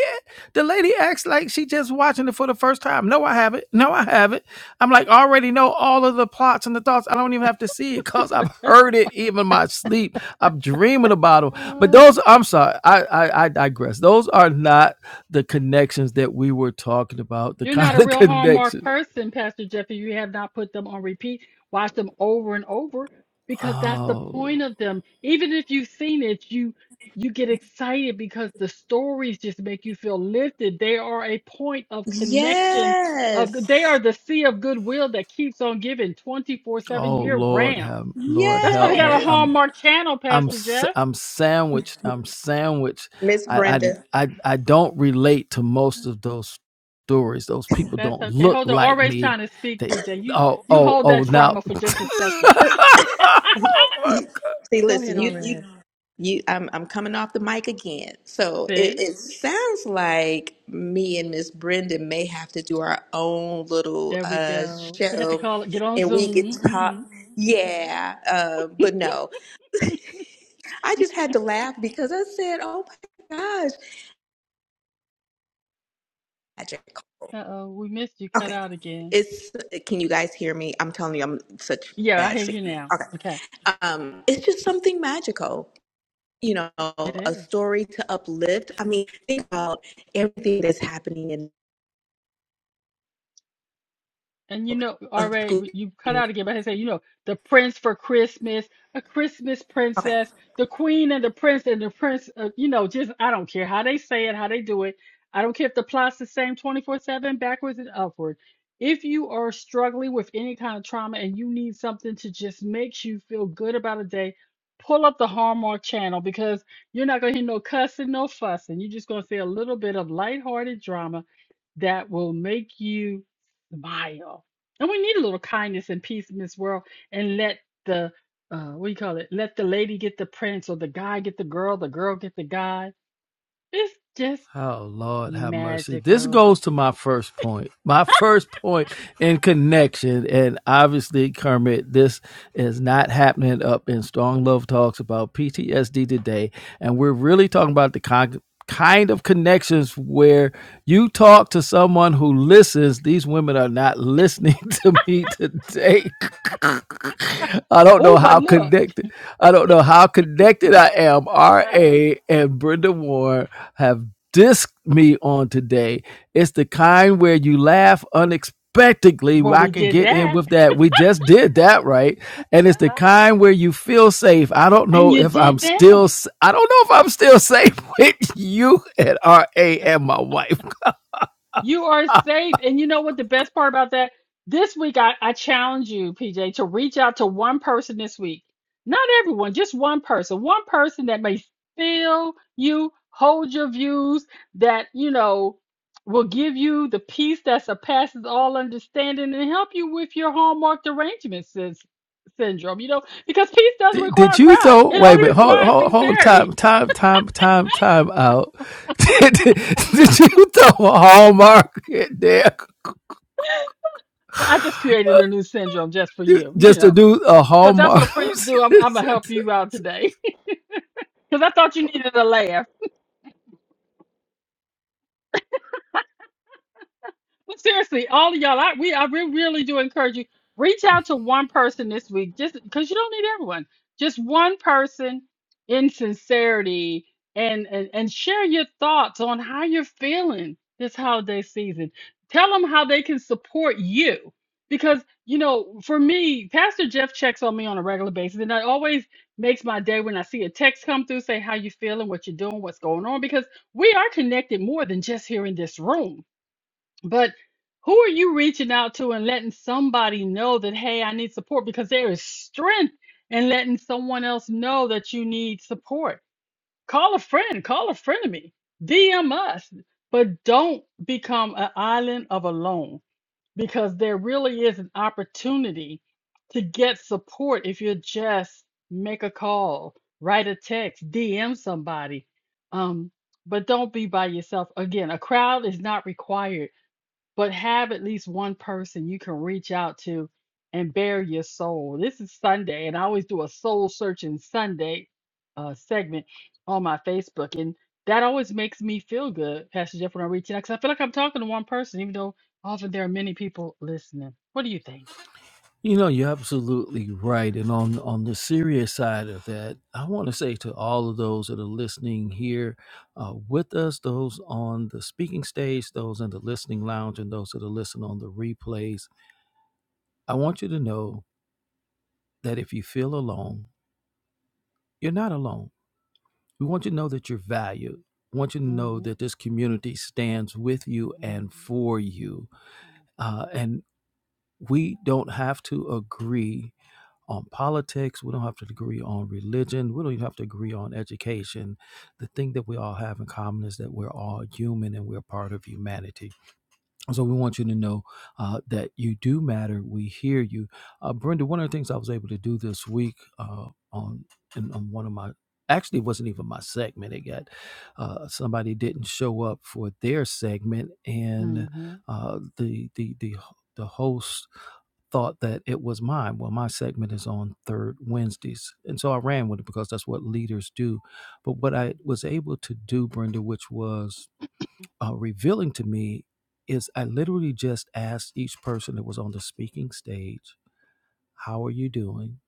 Speaker 1: the lady acts like she just watching it for the first time. No, I haven't. No, I haven't. I'm like I already know all of the plots and the thoughts. I don't even have to see it because I've heard it even in my sleep. I'm dreaming about them. But those, I'm sorry, I, I I digress. Those are not the connections that we were talking about. The
Speaker 2: You're not
Speaker 1: kind
Speaker 2: a
Speaker 1: of
Speaker 2: real hallmark
Speaker 1: connections.
Speaker 2: person, Pastor Jeffy. You have not put them on repeat. Watch them over and over because that's the
Speaker 1: Oh,
Speaker 2: point of them. Even if you've seen it, you you get excited because the stories just make you feel lifted. They are a point of connection of they are
Speaker 4: Yes.
Speaker 2: the sea of goodwill that keeps on giving 24/7
Speaker 1: oh
Speaker 2: year
Speaker 1: Lord,
Speaker 2: round.
Speaker 1: have Lord
Speaker 2: That's why they
Speaker 1: help
Speaker 2: got a
Speaker 1: me.
Speaker 4: Yes.
Speaker 2: Hallmark channel,
Speaker 1: I'm
Speaker 2: Pastor
Speaker 1: s-
Speaker 2: Jeff.
Speaker 1: I'm sandwiched. I'm sandwiched.
Speaker 4: Miss
Speaker 1: I,
Speaker 4: Brenda.
Speaker 1: I I I don't relate to most of those stories. Those people
Speaker 2: That's
Speaker 1: don't
Speaker 2: okay.
Speaker 1: look
Speaker 2: Hold on.
Speaker 1: like
Speaker 2: Always
Speaker 1: me.
Speaker 2: trying to speak,
Speaker 1: They
Speaker 2: PJ. You
Speaker 1: oh
Speaker 2: you
Speaker 1: oh
Speaker 2: hold
Speaker 1: oh
Speaker 2: that
Speaker 1: now.
Speaker 2: trauma for just a second.
Speaker 1: oh my
Speaker 4: you- See,
Speaker 2: Go
Speaker 4: listen,
Speaker 2: ahead,
Speaker 4: you you
Speaker 2: already.
Speaker 4: you I'm I'm coming off the mic again. So it,
Speaker 2: See,
Speaker 4: it sounds like me and Miss Brenda may have to do our own little
Speaker 2: there we
Speaker 4: uh
Speaker 2: go. We had to
Speaker 4: show
Speaker 2: call it, get on
Speaker 4: and we could
Speaker 2: Zoom.
Speaker 4: talk.
Speaker 2: hmm
Speaker 4: Yeah, uh, but no. I just had to laugh because I said, Oh my gosh, Patrick Cole.
Speaker 2: Uh-oh, we missed you.
Speaker 4: Okay.
Speaker 2: Cut out again.
Speaker 4: It's can you guys hear me? I'm telling you, I'm such
Speaker 2: Yeah, I
Speaker 4: bad
Speaker 2: hear you
Speaker 4: signal.
Speaker 2: now.
Speaker 4: Okay.
Speaker 2: Okay,
Speaker 4: Um, it's just something magical. You know,
Speaker 2: it
Speaker 4: a
Speaker 2: is.
Speaker 4: story to uplift. I mean, think about everything that's happening in
Speaker 2: And you know,
Speaker 4: a school.
Speaker 2: already you cut out again, but I say, you know, the prince for Christmas, a Christmas
Speaker 4: Okay.
Speaker 2: princess, the queen and the prince and the prince, uh, you know, just I don't care how they say it, how they do it. I don't care if the plot's the same 24/7, backwards and upward. If you are struggling with any kind of trauma and you need something to just makes you feel good about a day, pull up the Hallmark channel because you're not gonna hear no cussing, no fussing. You're just gonna see a little bit of lighthearted drama that will make you vile. And we need a little kindness and peace in this world and let the uh what do you call it? Let the lady get the prince or the guy get the girl, the girl get the guy. It's just
Speaker 1: Oh Lord have mercy. This
Speaker 2: magical.
Speaker 1: goes to my first point. My first point in connection. And obviously, Kermit, this is not happening up in Strong Love Talks about PTSD today. And we're really talking about the con- kind of connections where you talk to someone who listens. These women are not listening to me today. I don't know
Speaker 2: Oh, but
Speaker 1: how
Speaker 2: look.
Speaker 1: connected. I don't know how connected I am. RA and Brenda Warren have dissed me on today. It's the kind where you laugh unexpectedly.
Speaker 2: Well,
Speaker 1: I
Speaker 2: we
Speaker 1: can
Speaker 2: did
Speaker 1: get in
Speaker 2: that.
Speaker 1: with that. We just did that, right? And it's the kind where you feel safe. I don't
Speaker 2: And
Speaker 1: know
Speaker 2: you
Speaker 1: if I'm
Speaker 2: did
Speaker 1: still.
Speaker 2: that.
Speaker 1: s- I don't know if I'm still safe with you and RA and my wife.
Speaker 2: You are safe. And you know what the best part about that? This week I, I challenge you, PJ, to reach out to one person this week. Not everyone, just one person. One person that may feel you, hold your views, that, you know, will give you the peace that surpasses all understanding and help you with your hallmark derangement sys- syndrome. You know, because peace doesn't
Speaker 1: Did,
Speaker 2: require
Speaker 1: did
Speaker 2: a
Speaker 1: you
Speaker 2: crowd.
Speaker 1: throw?
Speaker 2: It
Speaker 1: Wait a
Speaker 2: only
Speaker 1: minute. Hold,
Speaker 2: requires
Speaker 1: hold, hold. Time,
Speaker 2: sincerity.
Speaker 1: time, time, time, time out. Did, did, did you throw a hallmark in there
Speaker 2: Well, I just created a new syndrome just for you, you
Speaker 1: just
Speaker 2: know.
Speaker 1: to do a
Speaker 2: Because that's
Speaker 1: hallmark?
Speaker 2: what friends do. I'm, I'm going to help you out today. Because I thought you needed a laugh. But seriously, all of y'all, I we I re- really do encourage you. Reach out to one person this week, just because you don't need everyone. Just one person in sincerity and, and and share your thoughts on how you're feeling this holiday season. Tell them how they can support you. Because, you know, for me, Pastor Jeff checks on me on a regular basis, and that always makes my day when I see a text come through, say how you feeling, what you're doing, what's going on, because we are connected more than just here in this room but who are you reaching out to and letting somebody know that, hey, I need support? Because there is strength in letting someone else know that you need support. Call a friend, call a frenemy, DM us, but don't become an island of alone because there really is an opportunity to get support if you just make a call, write a text, DM somebody. Um, but don't be by yourself. Again, a crowd is not required but have at least one person you can reach out to and bear your soul. This is Sunday, and I always do a soul searching Sunday uh, segment on my Facebook, and that always makes me feel good, Pastor Jeff, when I reach out because I feel like I'm talking to one person, even though often there are many people listening. What do you think?
Speaker 1: you know, you're absolutely right. And on on the serious side of that, I want to say to all of those that are listening here uh, with us, those on the speaking stage, those in the listening lounge, and those that are listening on the replays, I want you to know that if you feel alone, you're not alone We want you to know that you're valued. We want you to know
Speaker 2: hmm
Speaker 1: that this community stands with you
Speaker 2: hmm
Speaker 1: and for you. Uh, and we don't have to agree on politics. We don't have to agree on religion. We don't even have to agree on education. The thing that we all have in common is that we're all human and we're part of humanity. So we want you to know uh, that you do matter. We hear you, uh, Brenda. One of the things I was able to do this week uh, on in, on one of my actually it wasn't even my segment. It got uh, somebody didn't show up for their segment,
Speaker 2: hmm
Speaker 1: and uh, the the the the host thought that it was mine. Well, my segment is on third Wednesdays, and so I ran with it because that's what leaders do. But what I was able to do, Brenda, which was uh, revealing to me is I literally just asked each person that was on the speaking stage, How are you doing?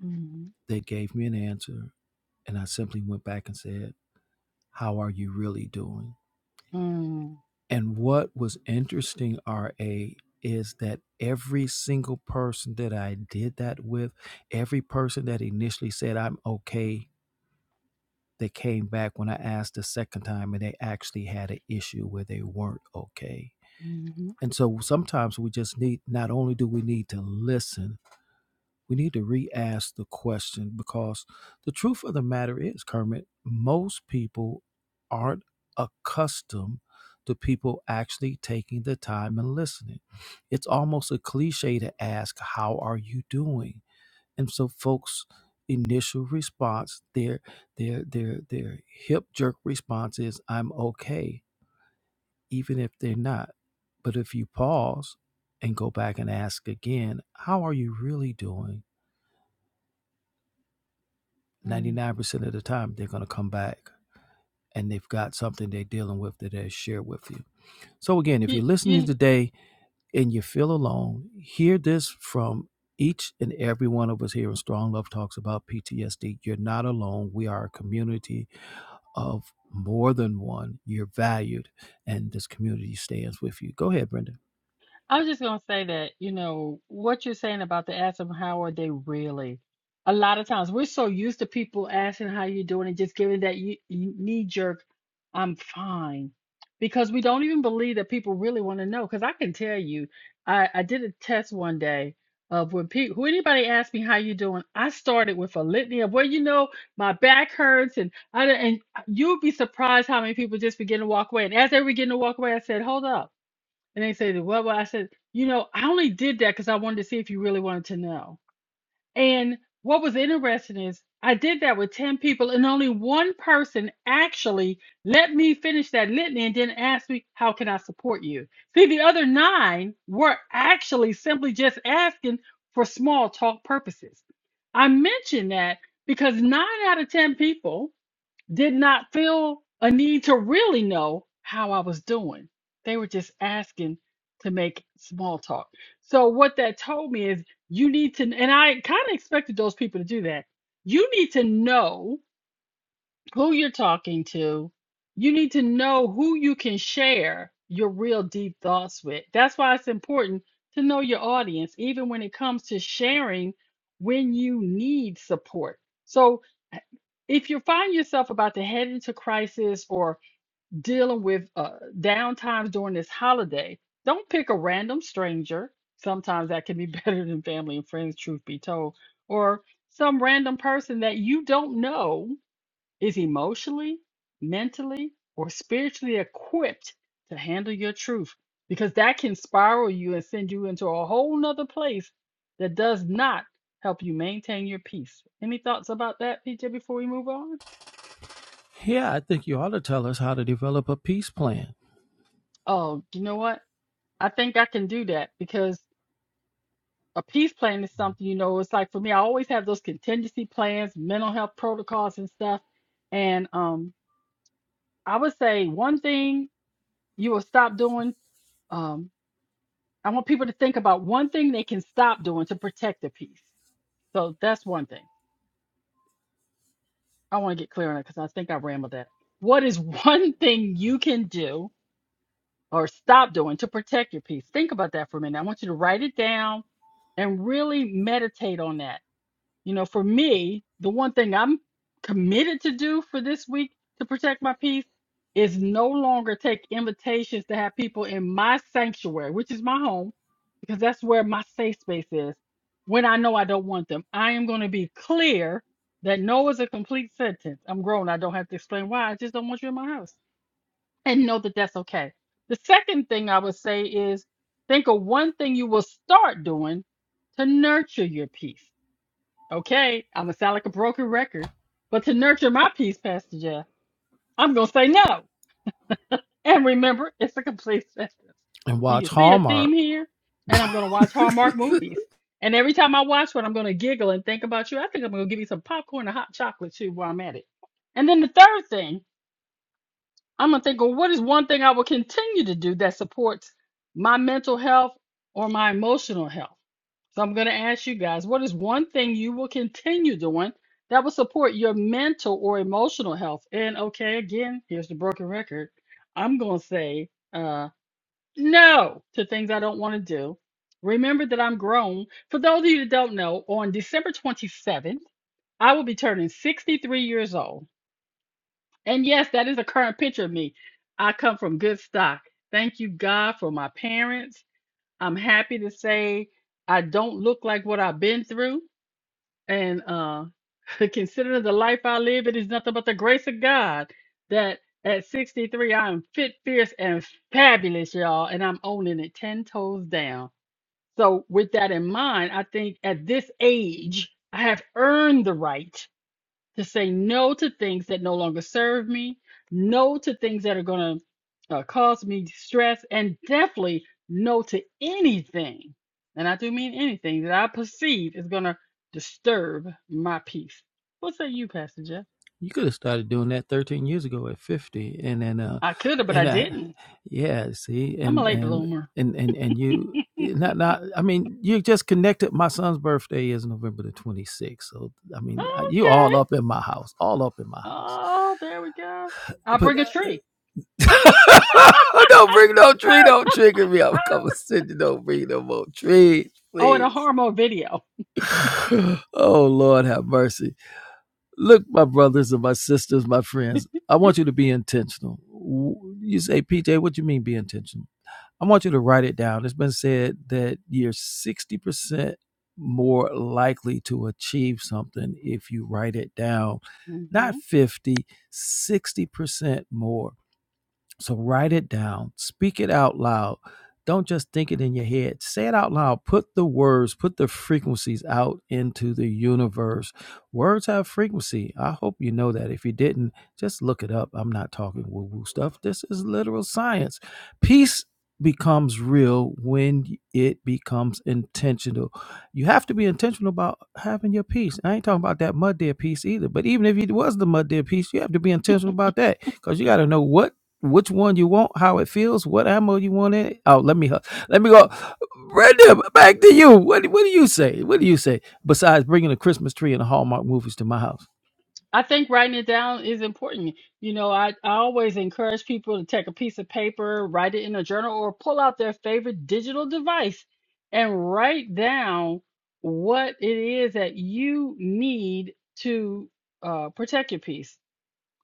Speaker 2: hmm
Speaker 1: They gave me an answer. And I simply went back and said, How are you really doing?
Speaker 2: hmm
Speaker 1: And what was interesting, RA, is that every single person that I did that with, every person that initially said, I'm okay, they came back when I asked the second time and they actually had an issue where they weren't okay
Speaker 2: hmm
Speaker 1: And so sometimes we just need, not only do we need to listen, we need to re ask the question because the truth of the matter is, Kermit, most people aren't accustomed to people actually taking the time and listening. It's almost a cliche to ask, How are you doing? And so, folks, initial response their their their their hip jerk response is i'm okay even if they're not. But if you pause and go back and ask again, how are you really doing? 99% of the time, they're going to come back and they've got something they're dealing with that they share with you. So, again, if you're listening
Speaker 2: hmm
Speaker 1: today and you feel alone, hear this from each and every one of us here in Strong Love Talks about PTSD. You're not alone. We are a community of more than one, you're valued, and this community stands with you. Go ahead, Brenda.
Speaker 2: I was just gonna say that, you know, what you're saying about the ask them how are they really? A lot of times we're so used to people asking how you doing and just giving that you, knee jerk, I'm fine, because we don't even believe that people really want to know. Because I can tell you, I, I did a test one day of when people, who anybody asked me how you doing, I started with a litany of well, you know, my back hurts, and I and you'd be surprised how many people just begin to walk away. And as they were getting to walk away, I said, hold up. And they said, Well, well, I said, You know, I only did that because I wanted to see if you really wanted to know. And what was interesting is I did that with 10 people, and only one person actually let me finish that litany and then asked me, How can I support you? See, the other nine were actually simply just asking for small talk purposes. I mentioned that because nine out of 10 people did not feel a need to really know how I was doing. They were just asking to make small talk. So, what that told me is you need to, and I kind of expected those people to do that. You need to know who you're talking to, you need to know who you can share your real deep thoughts with. That's why it's important to know your audience, even when it comes to sharing when you need support. So, h- if you find yourself about to head into crisis or dealing with uh, down times during this holiday, don't pick a random stranger. Sometimes that can be better than family and friends, truth be told, or some random person that you don't know is emotionally, mentally, or spiritually equipped to handle your truth because that can spiral you and send you into a whole nother place that does not help you maintain your peace. Any thoughts about that, PJ, before we move on?
Speaker 1: Yeah, I think you ought to tell us how to develop a peace plan
Speaker 2: Oh, you know what? I think I can do that because a peace plan is something, you know, it's like for me, I always have those contingency plans, mental health protocols and stuff. And um, I would say one thing you will stop doing. Um, I want people to think about one thing they can stop doing to protect the peace. So that's one thing. I want to get clear on that because I think I rambled that. What is one thing you can do or stop doing to protect your peace? Think about that for a minute. I want you to write it down and really meditate on that. You know, for me, the one thing I'm committed to do for this week to protect my peace is no longer take invitations to have people in my sanctuary, which is my home, because that's where my safe space is. When I know I don't want them, I am going to be clear that no is a complete sentence. I'm grown. I don't have to explain why. I just don't want you in my house. And know that that's okay. The second thing I would say is think of one thing you will start doing to nurture your peace Okay, I'm gonna sound like a broken record, but to nurture my peace, Pastor Jeff, I'm gonna say no. And remember, it's a complete sentence.
Speaker 1: and
Speaker 2: You
Speaker 1: watch
Speaker 2: can see a
Speaker 1: Hallmark
Speaker 2: theme here, and I'm gonna watch Hallmark movies. And every time I watch one, I'm gonna giggle and think about you. I think I'm gonna give you some popcorn and hot chocolate too while I'm at it. And then the third thing I'm gonna think, well, what is one thing I will continue to do that supports my mental health or my emotional health? So I'm gonna ask you guys, what is one thing you will continue doing that will support your mental or emotional health? And okay, again, here's the broken record. I'm gonna say uh, no to things I don't want to do. Remember that I'm grown. For those of you that don't know, on December 27th, I will be turning 63 years old. And yes, that is a current picture of me. I come from good stock. Thank you, God, for my parents. I'm happy to say I don't look like what I've been through. And uh, considering the life I live, it is nothing but the grace of God that at 63, I am fit, fierce, and fabulous, y'all. And I'm owning it 10 toes down. So, with that in mind, I think at this age, I have earned the right to say no to things that no longer serve me, no to things that are going to uh, cause me stress, and definitely no to anything, and I do mean anything that I perceive is going to disturb my peace. What say you, Pastor Jeff?
Speaker 1: You could have started doing that 13 years ago at 50 and then uh
Speaker 2: I could have, but I
Speaker 1: and uh
Speaker 2: didn't.
Speaker 1: yeah, see
Speaker 2: I'm a
Speaker 1: and
Speaker 2: late
Speaker 1: and
Speaker 2: bloomer.
Speaker 1: and and and you not not I mean you just connected my son's birthday is November the 26th. So I mean you all
Speaker 2: Okay.
Speaker 1: up in my house, all up in my house.
Speaker 2: Oh, there we go. I'll
Speaker 1: But
Speaker 2: bring a
Speaker 1: uh,
Speaker 2: tree.
Speaker 1: don't bring no tree, don't trigger me. I'm coming sit don't bring no more trees,
Speaker 2: Oh, and a
Speaker 1: please.
Speaker 2: hormone video.
Speaker 1: oh Lord have mercy. Look, my brothers and my sisters, my friends, I want you to be intentional. You say, PJ, what do you mean be intentional? I want you to write it down. It's been said that you're 60% more likely to achieve something if you write it down. Not
Speaker 2: Mhm.
Speaker 1: fifty, sixty percent more. So write it down, speak it out loud. Don't just think it in your head. Say it out loud. Put the words, put the frequencies out into the universe. Words have frequency. I hope you know that. If you didn't, just look it up. I'm not talking woo woo stuff. This is literal science. Peace becomes real when it becomes intentional. You have to be intentional about having your peace. I ain't talking about that mud dead peace either. But even if it was the mud dead peace, you have to be intentional about that because you got to know what which one you want, how it feels, what ammo you want in it. Oh, let me hu- let me go. Brandon, back to you. What do- what do you say? What do you say? Besides bringing a Christmas tree and the Hallmark movies to my house,
Speaker 2: I think writing it down is important. You know, I, I always encourage people to take a piece of paper, write it in a journal, or pull out their favorite digital device and write down what it is that you need to uh, protect your peace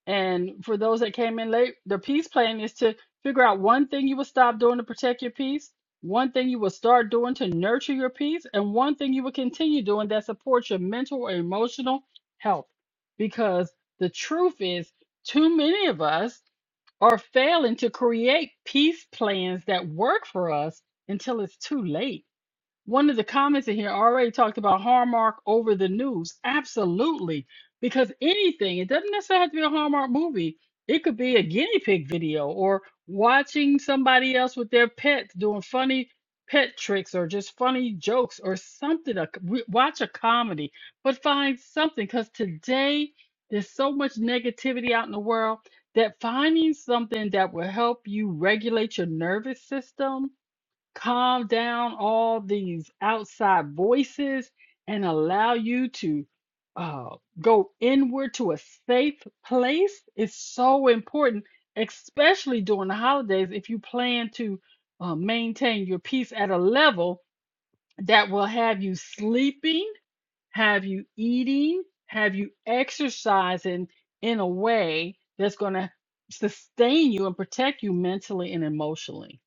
Speaker 2: and for those that came in late, the peace plan is to figure out one thing you will stop doing to protect your peace, one thing you will start doing to nurture your peace, and one thing you will continue doing that supports your mental or emotional health. Because the truth is, too many of us are failing to create peace plans that work for us until it's too late one of the comments in here already talked about Hallmark over the news. Absolutely. Because anything, it doesn't necessarily have to be a Hallmark movie. It could be a guinea pig video or watching somebody else with their pets doing funny pet tricks or just funny jokes or something. A- w- Watch a comedy, but find something because today there's so much negativity out in the world that finding something that will help you regulate your nervous system calm down all these outside voices and allow you to uh, go inward to a safe place is so important, especially during the holidays if you plan to uh, maintain your peace at a level that will have you sleeping, have you eating, have you exercising in a way that's going to sustain you and protect you mentally and emotionally.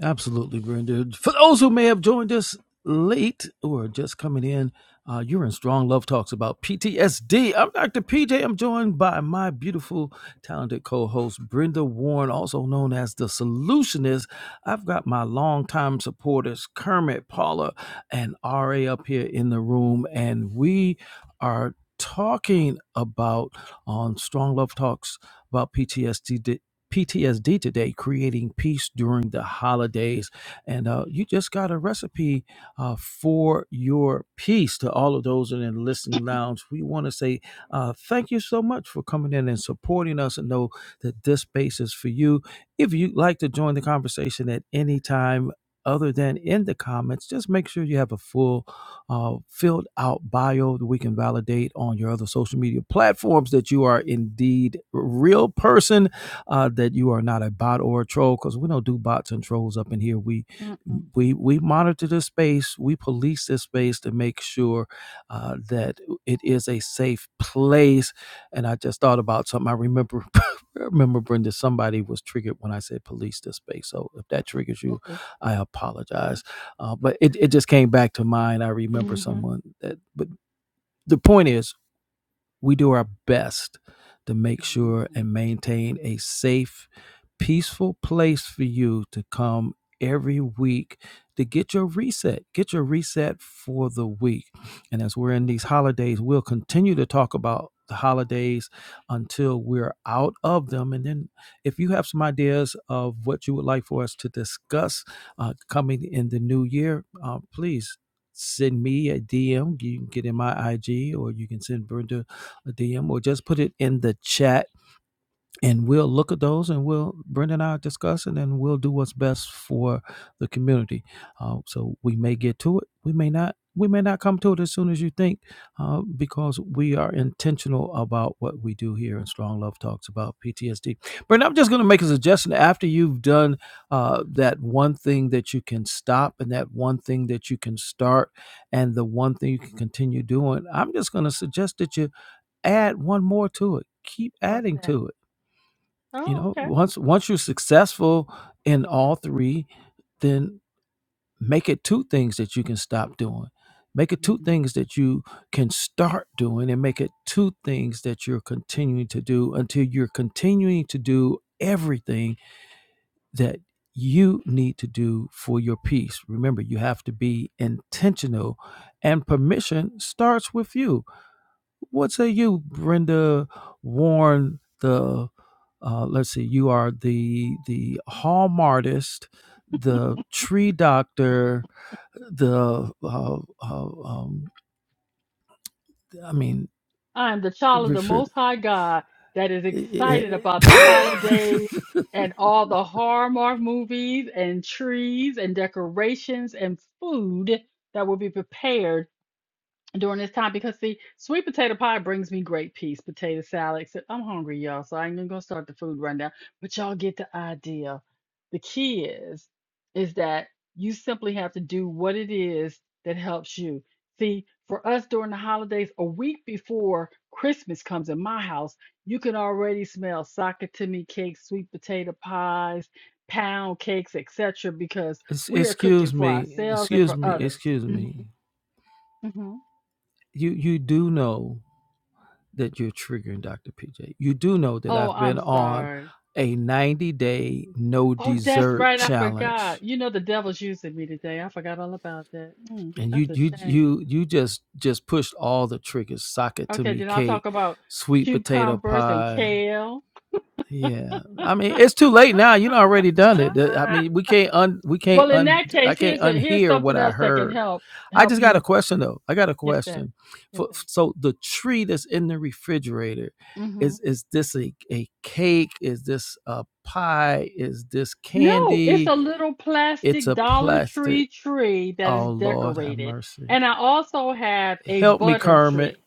Speaker 1: Absolutely, Brenda. For those who may have joined us late or just coming in, uh, you're in Strong Love Talks about PTSD. I'm Dr. PJ. I'm joined by my beautiful, talented co host, Brenda Warren, also known as the Solutionist. I've got my longtime supporters, Kermit, Paula, and RA up here in the room, and we are talking about on Strong Love Talks about PTSD PTSD today, creating peace during the holidays. And uh, you just got a recipe uh, for your peace to all of those in the listening lounge. We want to say uh, thank you so much for coming in and supporting us and know that this space is for you. If you'd like to join the conversation at any time, other than in the comments, just make sure you have a full uh, filled out bio that we can validate on your other social media platforms that you are indeed a real person uh, that you are not a bot or a troll because we don't do bots and trolls up in here. We
Speaker 2: Mm-mm.
Speaker 1: we we monitor this space, we police this space to make sure uh, that it is a safe place. And I just thought about something. I remember remember Brenda, somebody was triggered when I said police this space. So if that triggers you,
Speaker 2: Uh-oh.
Speaker 1: I apologize. Uh, but it, it just came back to mind. I remember someone that. But the point is. We do our best to make
Speaker 2: hmm
Speaker 1: sure and maintain a safe, peaceful place for you to come every week to get your reset, get your reset for the week. And as we're in these holidays, we'll continue to talk about the holidays until we're out of them. And then if you have some ideas of what you would like for us to discuss uh, coming in the new year, uh, please send me a DM. You can get in my IG or you can send Brenda a DM or just put it in the chat and we'll look at those and we'll Brenda and I are discussing and we'll do what's best for the community. Uh, so we may get to it, we may not. We may not come to it as soon as you think, uh, because we are intentional about what we do here. And Strong Love talks about PTSD. Brenda, I'm just going to make a suggestion. After you've done uh, that one thing that you can stop, and that one thing that you can start, and the one thing you can continue doing, I'm just going to suggest that you add one more to it. Keep
Speaker 2: What's
Speaker 1: adding
Speaker 2: that?
Speaker 1: to it. You
Speaker 2: Oh,
Speaker 1: know,
Speaker 2: okay.
Speaker 1: once once you're successful in all three, then make it two things that you can stop doing. Make it two
Speaker 2: Mhm.
Speaker 1: things that you can start doing and make it two things that you're continuing to do until you're continuing to do everything that you need to do for your peace. Remember, you have to be intentional and permission starts with you what say you, Brenda Warren? The uh, let's see, you are the the home artist, the tree doctor, the uh, uh, um, I mean,
Speaker 2: I am the child of the
Speaker 1: Richard-
Speaker 2: Most High God that is excited
Speaker 1: eh,
Speaker 2: about the
Speaker 1: eh.
Speaker 2: holidays and all the Hallmark movies and trees and decorations and food that will be prepared during this time because see, sweet potato pie brings me great peace. Potato salad. except I'm hungry, y'all, so I ain't even gonna start the food rundown. But y'all get the idea. The key is is that you simply have to do what it is that helps you. See, for us during the holidays, a week before Christmas comes in my house, you can already smell sakatimi cakes, sweet potato pies, pound cakes, etc., because
Speaker 1: Ex-
Speaker 2: we are cooking
Speaker 1: Excuse
Speaker 2: for
Speaker 1: me,
Speaker 2: ourselves and
Speaker 1: excuse
Speaker 2: for
Speaker 1: me,
Speaker 2: others.
Speaker 1: excuse
Speaker 2: Mhm,
Speaker 1: me.
Speaker 2: mhm.
Speaker 1: You you do know that you're triggering Dr. PJ. You do know that
Speaker 2: Oh,
Speaker 1: I've been
Speaker 2: I'm
Speaker 1: on
Speaker 2: sorry.
Speaker 1: a 90 day no
Speaker 2: Oh, that's
Speaker 1: dessert
Speaker 2: right. I
Speaker 1: challenge.
Speaker 2: forgot. You know, the devil's using me today. I forgot all about that. Mm,
Speaker 1: And you
Speaker 2: that's a
Speaker 1: you
Speaker 2: shame.
Speaker 1: you you just just pushed all the triggers, socket to
Speaker 2: Okay,
Speaker 1: me
Speaker 2: then I'll talk
Speaker 1: cake,
Speaker 2: about
Speaker 1: sweet potato
Speaker 2: cucumbers and
Speaker 1: pie.
Speaker 2: kale.
Speaker 1: Yeah. I mean, it's too late now. You done already done it. The- I
Speaker 2: Ah,
Speaker 1: mean, we can't un we can't
Speaker 2: well, in
Speaker 1: un
Speaker 2: that
Speaker 1: I
Speaker 2: case,
Speaker 1: can't
Speaker 2: here's a here's
Speaker 1: unhear what
Speaker 2: something
Speaker 1: I
Speaker 2: else that can
Speaker 1: heard.
Speaker 2: help
Speaker 1: I
Speaker 2: help
Speaker 1: just got a
Speaker 2: you.
Speaker 1: question though. I got a
Speaker 2: Yes, that.
Speaker 1: question.
Speaker 2: Yes,
Speaker 1: For, so the tree that's in the refrigerator
Speaker 2: that.
Speaker 1: is is this a, a cake? Is this a pie? Is this
Speaker 2: No, it's
Speaker 1: candy?
Speaker 2: a little
Speaker 1: It's
Speaker 2: plastic
Speaker 1: a
Speaker 2: Dollar
Speaker 1: plastic.
Speaker 2: Tree tree that is
Speaker 1: Oh Lord, have
Speaker 2: decorated.
Speaker 1: mercy.
Speaker 2: And I also have a
Speaker 1: Help me,
Speaker 2: butter
Speaker 1: Kermit.
Speaker 2: tree.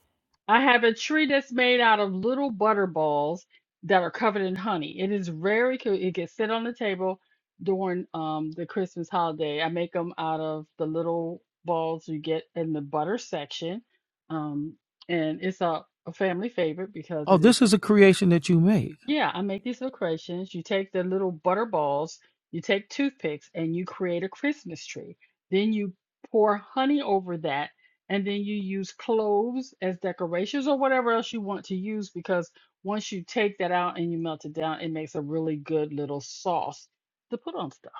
Speaker 2: I have a tree that's made out of little butter balls that are covered in honey. It is very cute. It gets sit on the table during um the Christmas holiday. I make them out of the little balls you get in the butter section. Um, and it's a, a family favorite because
Speaker 1: Oh,
Speaker 2: it
Speaker 1: this
Speaker 2: is
Speaker 1: is a creation that you made.
Speaker 2: yeah, I make these decorations. You take the little butter balls, you take toothpicks, and you create a Christmas tree. Then you pour honey over that, and then you use cloves as decorations or whatever else you want to use because once you take that out and you melt it down, it makes a really good little sauce to put on stuff.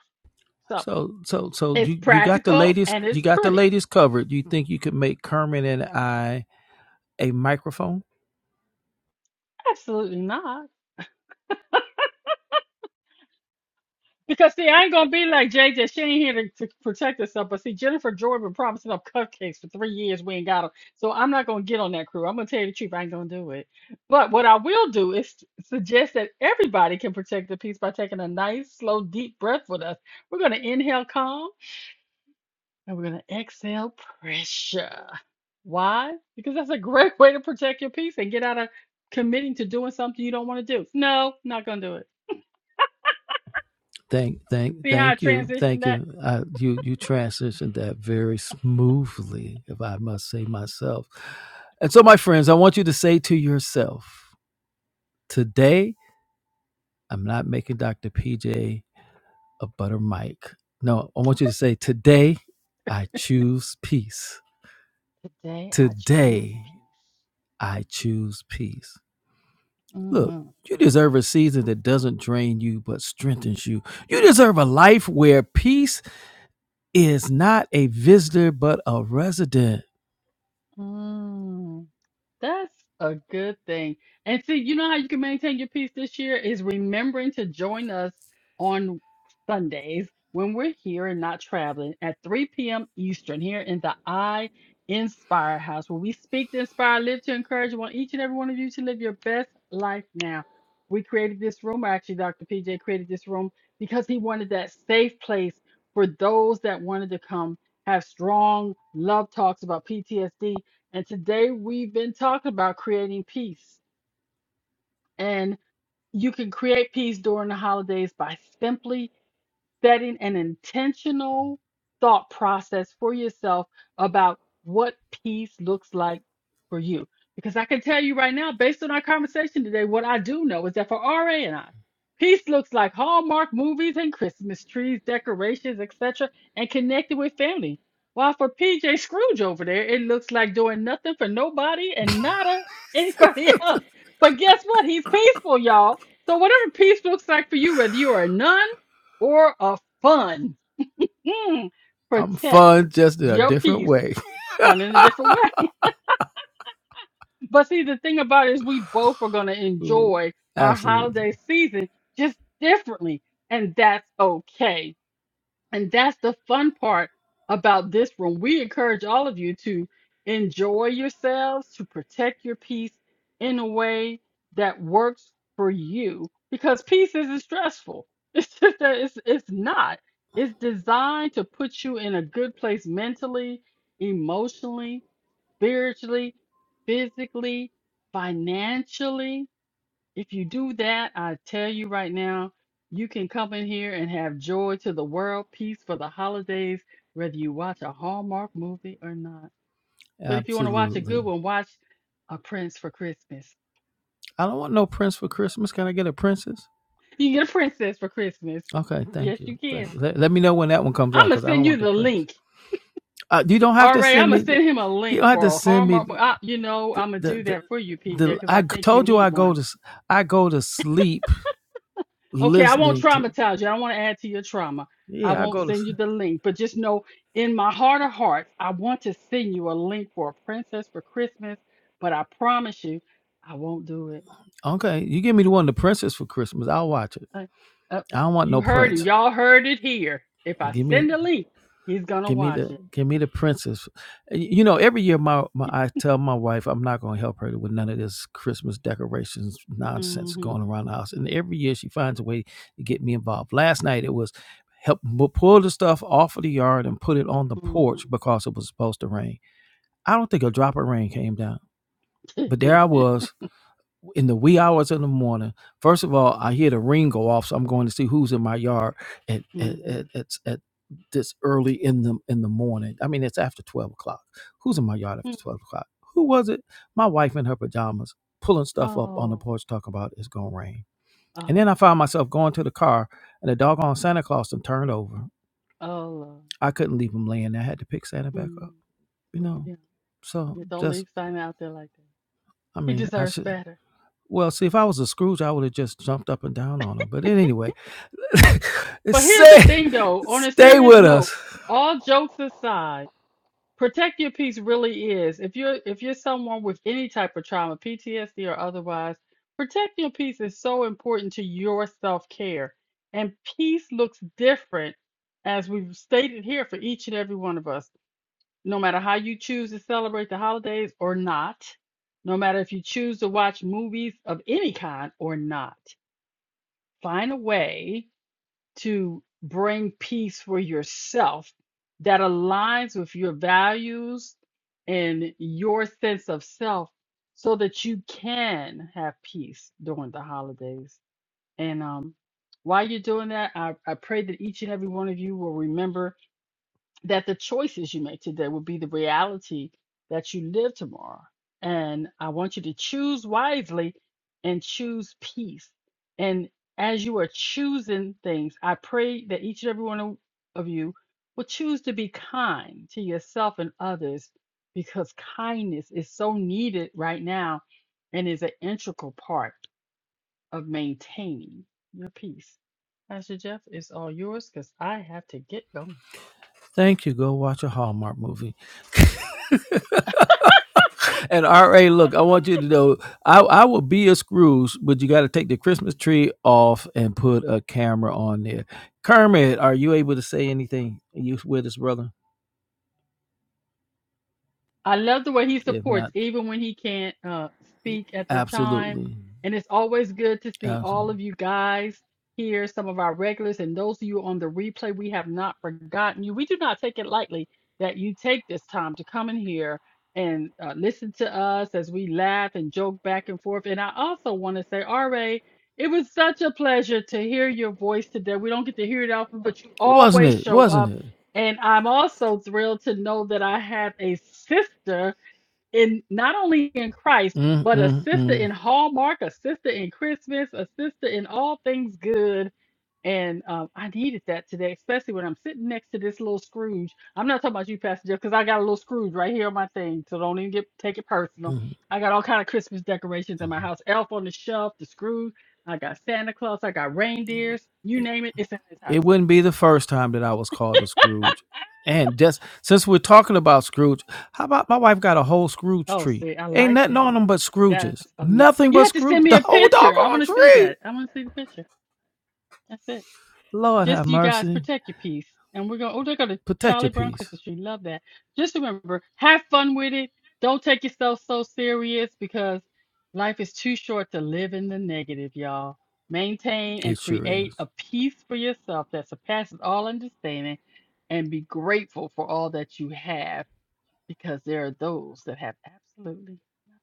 Speaker 2: So
Speaker 1: So, so, so
Speaker 2: it's
Speaker 1: you you got the
Speaker 2: practical
Speaker 1: ladies,
Speaker 2: and
Speaker 1: you
Speaker 2: it's
Speaker 1: got the
Speaker 2: pretty.
Speaker 1: ladies covered. You think you could make Kermit and I? a microphone?
Speaker 2: Absolutely not. Because see, I ain't gonna be like JJ. She ain't here to, to protect herself. But see, Jennifer Jordan been promising up cupcakes for three years. We ain't got them, so I'm not gonna get on that crew. I'm gonna tell you the truth. I ain't gonna do it. But what I will do is suggest that everybody can protect the peace by taking a nice, slow, deep breath with us. We're gonna inhale calm and we're gonna exhale pressure. Why? Because that's a great way to protect your peace and get out of committing to doing something you don't want to do. No, not gonna do it.
Speaker 1: Thank, thank,
Speaker 2: See how I
Speaker 1: thank you,
Speaker 2: transitioned
Speaker 1: thank
Speaker 2: that?
Speaker 1: you. Uh, you you transitioned that very smoothly, if I must say myself. And so, my friends, I want you to say to yourself today. I'm not making Dr. PJ a butter mic. No, I want you to say, Today I choose peace.
Speaker 2: Today I choose
Speaker 1: Today
Speaker 2: peace.
Speaker 1: I choose peace. Look, you deserve a season that doesn't drain you but strengthens you. You deserve a life where peace is not a visitor but a resident.
Speaker 2: Mm-hmm. That's a good thing. And see, you know how you can maintain your peace this year is remembering to join us on Sundays when we're here and not traveling at 3 p.m. Eastern here in the I Inspire House, where we speak to inspire, live to encourage. We want each and every one of you to live your best life now. We created this room, or actually, Dr. PJ created this room because he wanted that safe place for those that wanted to come have strong love talks about PTSD and today we've been talking about creating peace. And you can create peace during the holidays by simply setting an intentional thought process for yourself about what peace looks like for you. Because I can tell you right now, based on our conversation today, what I do know is that for RA and I, peace looks like Hallmark movies and Christmas trees, decorations, etc., and connected with family. While for PJ Scrooge over there, it looks like doing nothing for nobody and not a, anybody else. But guess what? He's peaceful, y'all. So whatever peace looks like for you, whether you are a nun or a fun. Mm,
Speaker 1: I'm
Speaker 2: protect
Speaker 1: fun just in a
Speaker 2: your
Speaker 1: different
Speaker 2: peace,
Speaker 1: way.
Speaker 2: fun in a different way. But see, the thing about it is, we both are going to enjoy our
Speaker 1: Absolutely.
Speaker 2: holiday season just differently, and that's okay. And that's the fun part about this room. We encourage all of you to enjoy yourselves, to protect your peace in a way that works for you because peace isn't stressful. It's just that it's, it's not. It's designed to put you in a good place mentally, emotionally, spiritually, physically, financially. If you do that, I tell you right now, you can come in here and have joy to the world, peace for the holidays, whether you watch a Hallmark movie or not. But if you want to watch a good
Speaker 1: Absolutely.
Speaker 2: one, watch A Prince for Christmas.
Speaker 1: I don't want no prince for Christmas. Can I get a princess?
Speaker 2: You can get a princess for Christmas.
Speaker 1: Okay, thank
Speaker 2: Yes, you
Speaker 1: you.
Speaker 2: can.
Speaker 1: Thank you. Let, let me know when that one comes out
Speaker 2: I'm gonna
Speaker 1: because I don't
Speaker 2: send you
Speaker 1: want the
Speaker 2: the
Speaker 1: prince.
Speaker 2: link.
Speaker 1: Uh, you don't have
Speaker 2: All
Speaker 1: to
Speaker 2: right,
Speaker 1: send
Speaker 2: I'm gonna
Speaker 1: me.
Speaker 2: send him a
Speaker 1: You
Speaker 2: link
Speaker 1: don't have to
Speaker 2: for
Speaker 1: send me
Speaker 2: Hallmark.
Speaker 1: the
Speaker 2: I, you know, I'm gonna
Speaker 1: the.
Speaker 2: do
Speaker 1: the
Speaker 2: that for you, PJ,
Speaker 1: the,
Speaker 2: because I
Speaker 1: I
Speaker 2: think you
Speaker 1: told you I
Speaker 2: need one.
Speaker 1: go to I go to sleep
Speaker 2: Okay, I won't
Speaker 1: listening to
Speaker 2: traumatize you. I don't want to add to your trauma. I
Speaker 1: yeah I
Speaker 2: won't
Speaker 1: go to
Speaker 2: send you the link, but just know in my heart of hearts, I want to send you a link for a princess for Christmas, but I promise you, I won't do it.
Speaker 1: Okay, you give me the one the princess for Christmas. I'll watch it.
Speaker 2: Uh, uh,
Speaker 1: I don't want
Speaker 2: you
Speaker 1: no
Speaker 2: heard him.
Speaker 1: prince.
Speaker 2: Y'all heard it here. If I
Speaker 1: Give me,
Speaker 2: send a link, he's gonna
Speaker 1: give me
Speaker 2: watch
Speaker 1: the,
Speaker 2: it.
Speaker 1: give me the princess. Y- You know, every year my, my I tell my wife I'm not going to help her with none of this Christmas decorations nonsense
Speaker 2: hmm
Speaker 1: going around the house, and every year she finds a way to get me involved. Last night it was help bu- pull the stuff off of the yard and put it on the
Speaker 2: hmm
Speaker 1: porch because it was supposed to rain. I don't think a drop of rain came down, but there I was in the wee hours in the morning. First of all, I hear the ring go off, so I'm going to see who's in my yard at at
Speaker 2: hmm
Speaker 1: at, at, at this early in the in the morning. I mean, it's after twelve o'clock. Who's in my yard after twelve o'clock? Who was it? My wife in her pajamas, pulling stuff up on the
Speaker 2: Oh,
Speaker 1: porch, talking about it's gonna rain.
Speaker 2: oh,
Speaker 1: And then I found myself going to the car, and the doggone Santa Claus and turned over.
Speaker 2: oh, Lord.
Speaker 1: I couldn't leave him laying there. I had to pick Santa back
Speaker 2: hmm
Speaker 1: up. You
Speaker 2: There you
Speaker 1: know,
Speaker 2: go.
Speaker 1: so
Speaker 2: Yeah, Don't
Speaker 1: just
Speaker 2: leave Simon out there like that.
Speaker 1: I
Speaker 2: He
Speaker 1: mean, I
Speaker 2: deserves
Speaker 1: should.
Speaker 2: better.
Speaker 1: Well, see, if I was a Scrooge, I would have just jumped up and down on him. But then anyway,
Speaker 2: But here's the
Speaker 1: stay,
Speaker 2: thing, though. On a
Speaker 1: stay
Speaker 2: serious
Speaker 1: with
Speaker 2: note,
Speaker 1: us.
Speaker 2: all jokes aside, protect your peace really is. If you're if you're someone with any type of trauma, PTSD or otherwise, protect your peace is so important to your self care. And peace looks different, as we've stated here, for each and every one of us. No matter how you choose to celebrate the holidays or not, no matter if you choose to watch movies of any kind or not, find a way to bring peace for yourself that aligns with your values and your sense of self so that you can have peace during the holidays. And um, while you're doing that, I, I pray that each and every one of you will remember that the choices you make today will be the reality that you live tomorrow. And I want you to choose wisely and choose peace. And as you are choosing things, I pray that each and every one of of you will choose to be kind to yourself and others because kindness is so needed right now and is an integral part of maintaining your peace. Pastor Jeff, it's all yours because I have to get going.
Speaker 1: Thank you. Go watch a Hallmark movie. And RA, look, I want you to know I, I will be a Scrooge, but you got to take the Christmas tree off and put a camera on there. Kermit, are you able to say anything? Are you with us, brother?
Speaker 2: I love the way he
Speaker 1: If
Speaker 2: supports,
Speaker 1: not,
Speaker 2: even when he can't uh, speak at the time.
Speaker 1: absolutely.
Speaker 2: And it's always good to see all
Speaker 1: Absolutely.
Speaker 2: of you guys here, some of our regulars, and those of you on the replay. We have not forgotten you. We do not take it lightly that you take this time to come in here and uh, listen to us as we laugh and joke back and forth. And I also want to say, RA, it was such a pleasure to hear your voice today. We don't get to hear it often, but you
Speaker 1: Wasn't
Speaker 2: always
Speaker 1: it?
Speaker 2: show up
Speaker 1: Wasn't it?
Speaker 2: and I'm also thrilled to know that I have a sister in not only in Christ,
Speaker 1: Mm,
Speaker 2: but a
Speaker 1: mm,
Speaker 2: sister in
Speaker 1: mm,
Speaker 2: Hallmark, a sister in Christmas, a sister in all things good. And um, I needed that today, especially when I'm sitting next to this little Scrooge. I'm not talking about you, Pastor Jeff, because I got a little Scrooge right here on my thing, so don't even get take it personal.
Speaker 1: mm,
Speaker 2: I got all kind of Christmas decorations in my
Speaker 1: mm.
Speaker 2: house: elf on the shelf, the Scrooge. I got Santa Claus, I got reindeers, you
Speaker 1: It
Speaker 2: name it, it's in this house.
Speaker 1: wouldn't be the first time that I was called a Scrooge. And just since we're talking about Scrooge, how about my wife got a whole Scrooge
Speaker 2: Oh,
Speaker 1: tree?
Speaker 2: see, I
Speaker 1: Ain't
Speaker 2: like
Speaker 1: nothing
Speaker 2: that.
Speaker 1: on them but Scrooges.
Speaker 2: That's amazing.
Speaker 1: Nothing
Speaker 2: You
Speaker 1: but
Speaker 2: have to send
Speaker 1: Scrooge.
Speaker 2: me
Speaker 1: The
Speaker 2: a
Speaker 1: whole
Speaker 2: picture. I
Speaker 1: doggone
Speaker 2: want to see
Speaker 1: tree.
Speaker 2: that. I want to see the picture. That's it.
Speaker 1: Lord have
Speaker 2: Just so you guys
Speaker 1: mercy.
Speaker 2: protect your peace. And we're going, oh, they're going to
Speaker 1: Protect your
Speaker 2: Charlie Brown
Speaker 1: peace.
Speaker 2: Christmas tree. Love that. Just remember, have fun with it. Don't take yourself so serious because life is too short to live in the negative, y'all. Maintain
Speaker 1: It
Speaker 2: and
Speaker 1: sure
Speaker 2: create a
Speaker 1: is.
Speaker 2: peace for yourself that surpasses all understanding and be grateful for all that you have because there are those that have absolutely nothing.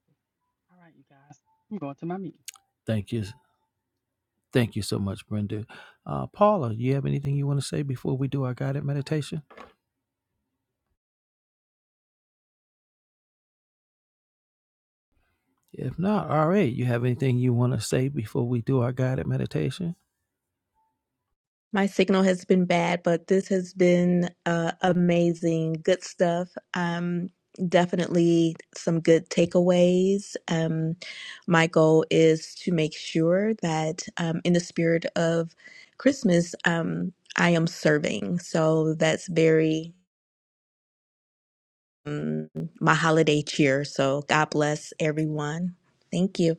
Speaker 2: All right, you guys. I'm going to my meeting.
Speaker 1: Thank you. Thank you so much, Brenda. Uh, Paula, you have anything you want to say before we do our guided meditation? If not, all right. You have anything you want to say before we do our guided meditation?
Speaker 4: My signal has been bad, but this has been uh, amazing. Good stuff. Um, definitely some good takeaways. Um, my goal is to make sure that, um, in the spirit of Christmas, um, I am serving. So that's very um, my holiday cheer. So God bless everyone. Thank you.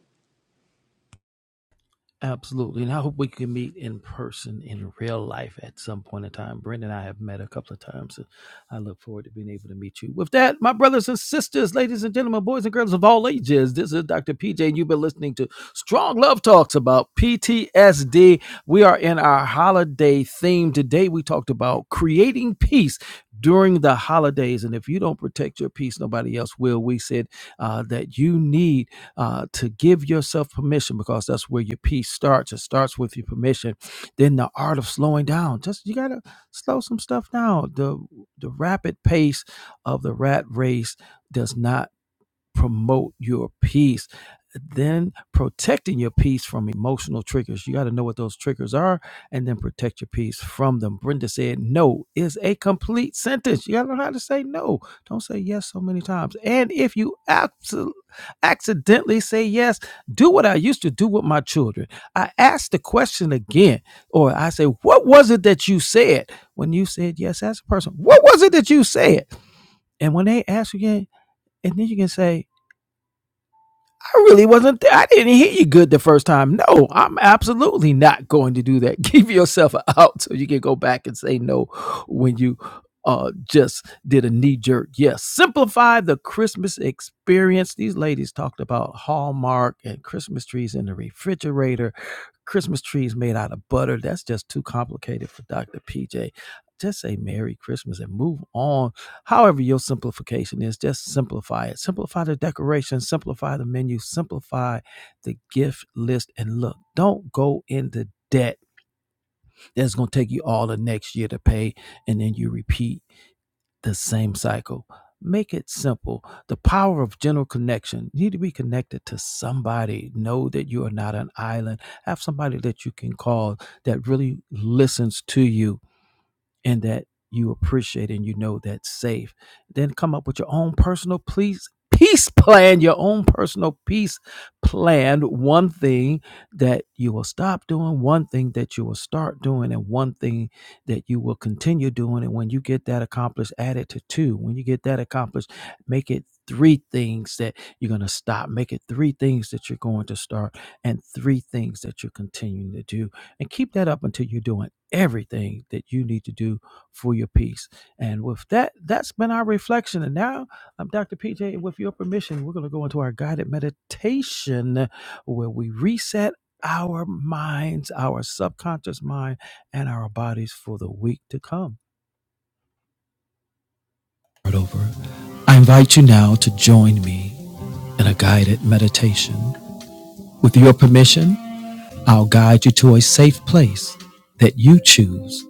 Speaker 1: Absolutely. And I hope we can meet in person in real life at some point in time. Brenda and I have met a couple of times, and I look forward to being able to meet you. With that, my brothers and sisters, ladies and gentlemen, boys and girls of all ages, this is Dr. PJ, and you've been listening to Strong Love Talks about PTSD. We are in our holiday theme. Today, we talked about creating peace during the holidays. And if you don't protect your peace, nobody else will. We said uh, that you need uh, to give yourself permission because that's where your peace starts. It starts with your permission. Then the art of slowing down. Just you gotta slow some stuff down. The the rapid pace of the rat race does not promote your peace. Then protecting your peace from emotional triggers. You got to know what those triggers are and then protect your peace from them. Brenda said, No is a complete sentence. You got to learn how to say no. Don't say yes so many times. And if you absolutely accidentally say yes, do what I used to do with my children. I ask the question again, or I say, What was it that you said when you said yes as a person? What was it that you said? And when they ask again, and then you can say, I really wasn't there. I didn't hear you good the first time. No, I'm absolutely not going to do that. Give yourself an out so you can go back and say no when you uh just did a knee jerk. Yes. Simplify the Christmas experience. These ladies talked about Hallmark and Christmas trees in the refrigerator. Christmas trees made out of butter. That's just too complicated for Dr. PJ. Just say Merry Christmas and move on However, your simplification is just simplify it. Simplify the decoration, simplify the menu, simplify the gift list, and look, don't go into debt that's going to take you all the next year to pay, and then you repeat the same cycle. Make it simple. The power of general connection. You need to be connected to somebody. Know that you are not an island. Have somebody that you can call that really listens to you and that you appreciate and you know that's safe. Then come up with your own personal please peace plan, your own personal peace plan, one thing that you will stop doing, one thing that you will start doing, and one thing that you will continue doing. And when you get that accomplished, add it to two. When you get that accomplished, make it three things that you're going to stop, make it three things that you're going to start, and three things that you're continuing to do and keep that up until you're doing everything that you need to do for your peace. And with that, that's been our reflection. And now I'm Dr. PJ, and with your permission, we're going to go into our guided meditation where we reset our minds, our subconscious mind, and our bodies for the week to come. Right over. I invite you now to join me in a guided meditation. With your permission, I'll guide you to a safe place that you choose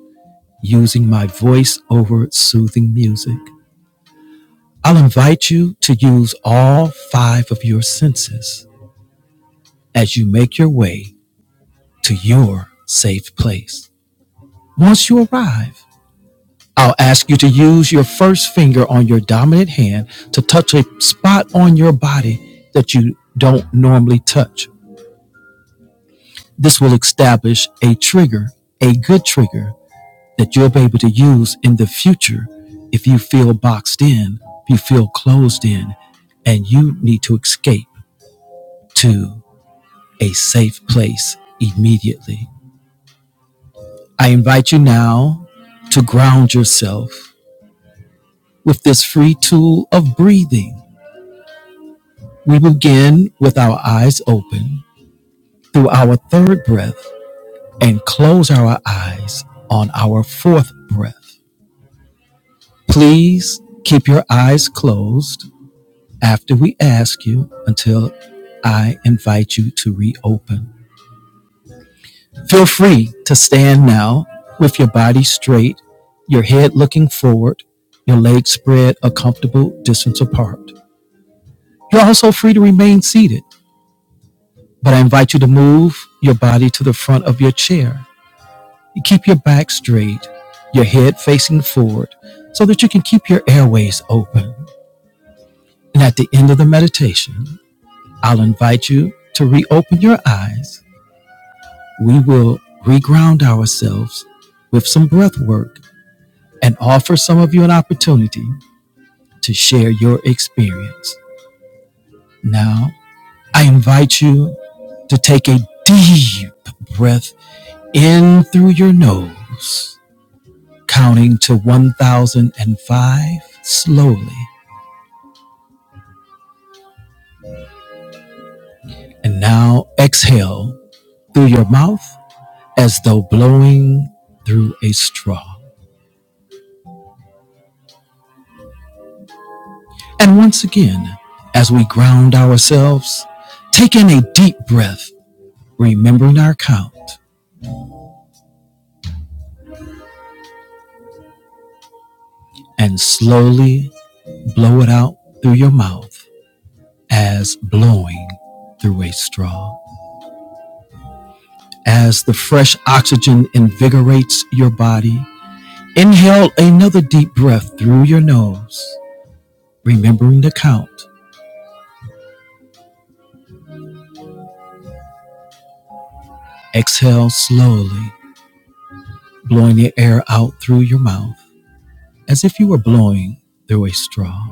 Speaker 1: using my voice over soothing music. I'll invite you to use all five of your senses as you make your way to your safe place. Once you arrive, I'll ask you to use your first finger on your dominant hand to touch a spot on your body that you don't normally touch. This will establish a trigger, a good trigger that you'll be able to use in the future if you feel boxed in, if you feel closed in, and you need to escape to a safe place immediately. I invite you now to ground yourself with this free tool of breathing. We begin with our eyes open through our third breath and close our eyes on our fourth breath. Please keep your eyes closed after we ask you until I invite you to reopen. Feel free to stand now with your body straight, your head looking forward, your legs spread a comfortable distance apart. You're also free to remain seated, but I invite you to move your body to the front of your chair. You keep your back straight, your head facing forward, so that you can keep your airways open. And at the end of the meditation, I'll invite you to reopen your eyes we will reground ourselves with some breath work and offer some of you an opportunity to share your experience. Now, I invite you to take a deep breath in through your nose, counting to 1005 slowly, and now exhale through your mouth as though blowing through a straw. And once again, as we ground ourselves, take in a deep breath, remembering our count, and slowly blow it out through your mouth as blowing through a straw. As the fresh oxygen invigorates your body, inhale another deep breath through your nose, remembering the count. Exhale slowly, blowing the air out through your mouth as if you were blowing through a straw.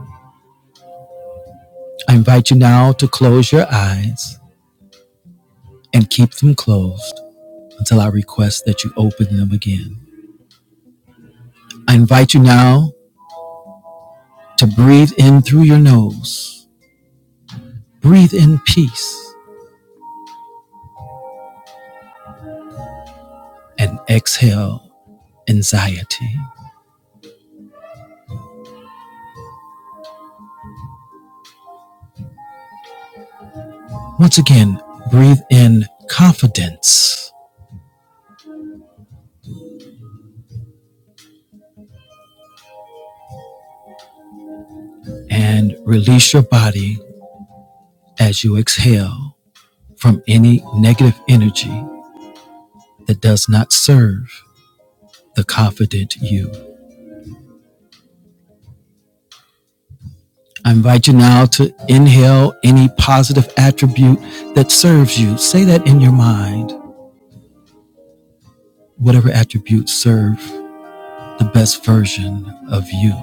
Speaker 1: I invite you now to close your eyes and keep them closed until I request that you open them again. I invite you now to breathe in through your nose, breathe in peace, and exhale anxiety. Once again, breathe in confidence and release your body as you exhale from any negative energy that does not serve the confident you. I invite you now to inhale any positive attribute that serves you. Say that in your mind. Whatever attributes serve the best version of you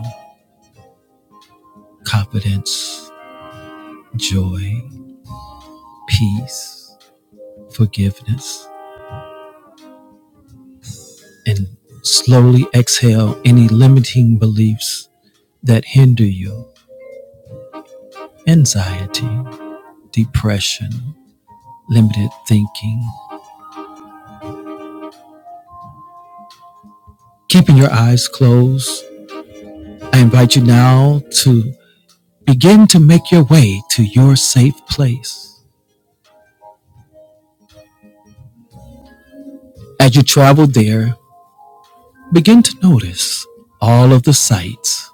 Speaker 1: confidence, joy, peace, forgiveness, and slowly exhale any limiting beliefs that hinder you anxiety, depression, limited thinking. Keeping your eyes closed, I invite you now to Begin to make your way to your safe place. As you travel there, begin to notice all of the sights,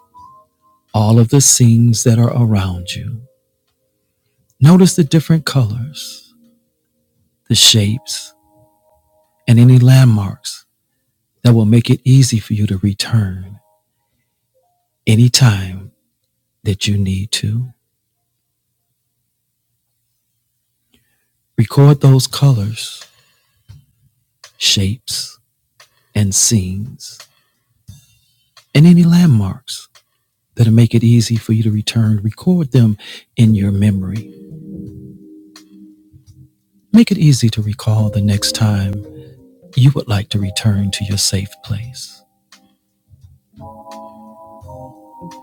Speaker 1: all of the scenes that are around you. Notice the different colors, the shapes, and any landmarks that will make it easy for you to return anytime that you need to. Record those colors, shapes, and scenes, and any landmarks that'll make it easy for you to return. Record them in your memory Make it easy to recall the next time you would like to return to your safe place.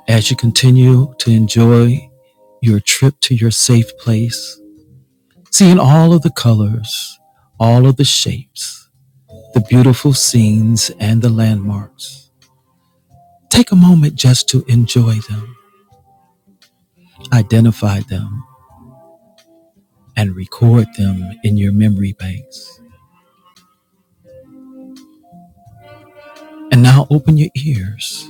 Speaker 1: As you continue to enjoy your trip to your safe place, seeing all of the colors, all of the shapes, the beautiful scenes, and the landmarks, take a moment just to enjoy them, identify them, and record them in your memory banks. And now open your ears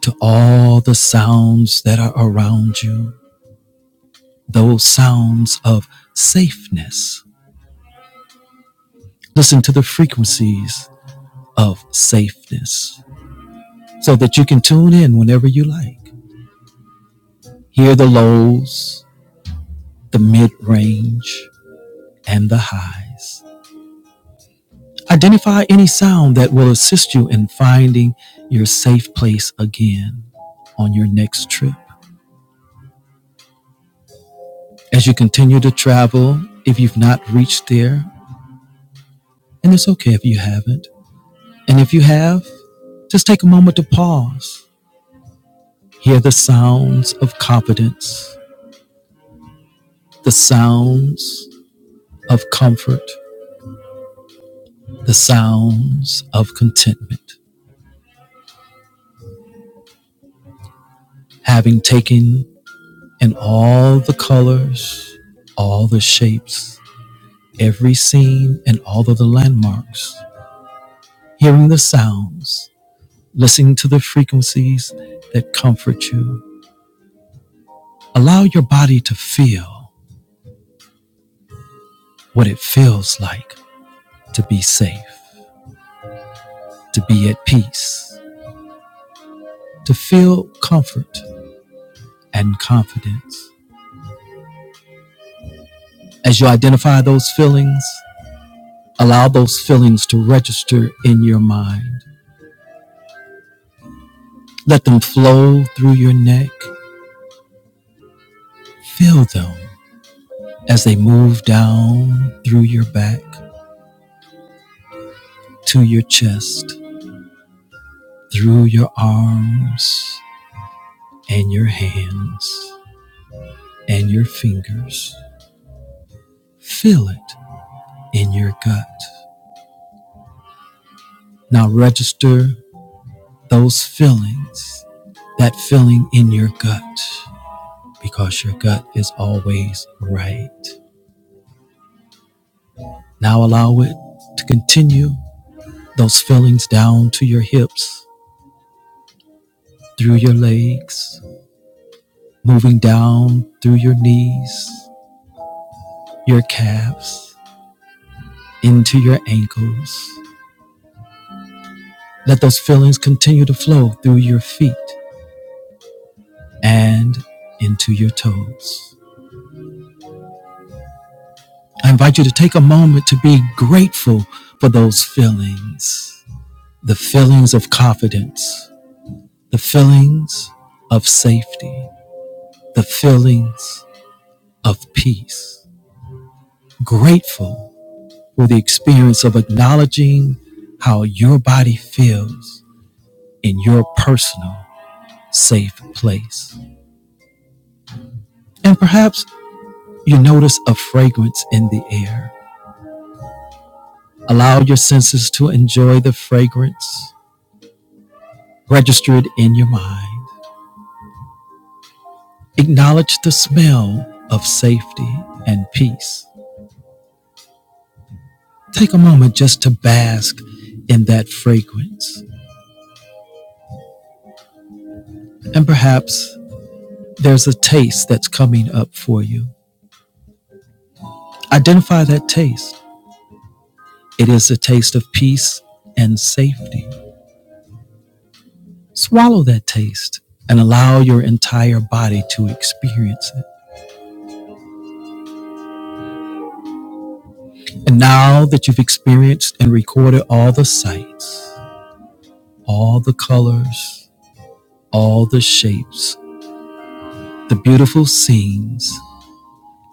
Speaker 1: to all the sounds that are around you those sounds of safeness. Listen to the frequencies of safeness so that you can tune in whenever you like. Hear the lows, the mid range, and the highs. Identify any sound that will assist you in finding your safe place again on your next trip. As you continue to travel, if you've not reached there, and it's okay if you haven't, and if you have, just take a moment to pause Hear the sounds of confidence, the sounds of comfort, the sounds of contentment. Having taken in all the colors, all the shapes, every scene, and all of the landmarks, hearing the sounds, listening to the frequencies that comfort you. Allow your body to feel what it feels like to be safe, to be at peace, to feel comfort and confidence. As you identify those feelings, allow those feelings to register in your mind. Let them flow through your neck. Feel them as they move down through your back to your chest, through your arms and your hands and your fingers. Feel it in your gut. Now register those feelings, that feeling in your gut. because your gut is always right. Now allow it to continue those feelings down to your hips, through your legs, moving down through your knees, your calves, into your ankles. Let those feelings continue to flow through your feet and into your toes. I invite you to take a moment to be grateful for those feelings the feelings of confidence, the feelings of safety, the feelings of peace. Grateful for the experience of acknowledging how your body feels in your personal safe place. And perhaps you notice a fragrance in the air. Allow your senses to enjoy the fragrance Register it in your mind. Acknowledge the smell of safety and peace Take a moment just to bask in that fragrance. And perhaps there's a taste that's coming up for you. Identify that taste. It is a taste of peace and safety. Swallow that taste and allow your entire body to experience it. And now that you've experienced and recorded all the sights, all the colors, all the shapes, the beautiful scenes,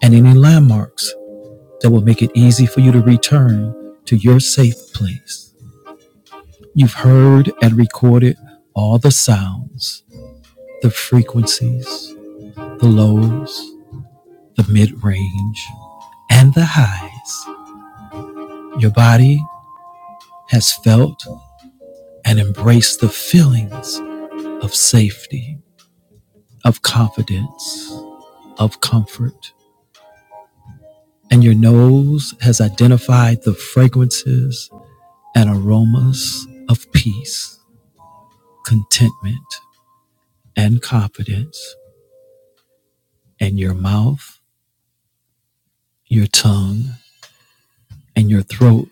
Speaker 1: and any landmarks, that will make it easy for you to return to your safe place. You've heard and recorded all the sounds, the frequencies, the lows, the mid range, and the highs. Your body has felt and embraced the feelings of safety, of confidence, of comfort. And your nose has identified the fragrances and aromas of peace, contentment, and confidence, and your mouth, your tongue, and your throat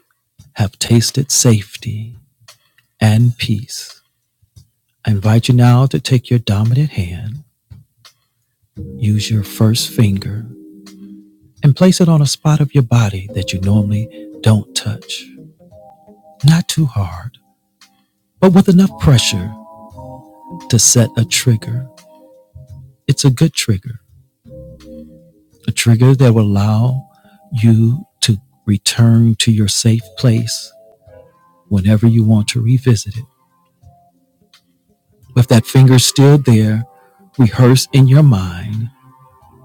Speaker 1: have tasted safety and peace. I invite you now to take your dominant hand, use your first finger, and place it on a spot of your body that you normally don't touch. Not too hard, but with enough pressure to set a trigger. It's a good trigger, a trigger that will allow you to return to your safe place whenever you want to revisit it. With that finger still there, rehearse in your mind,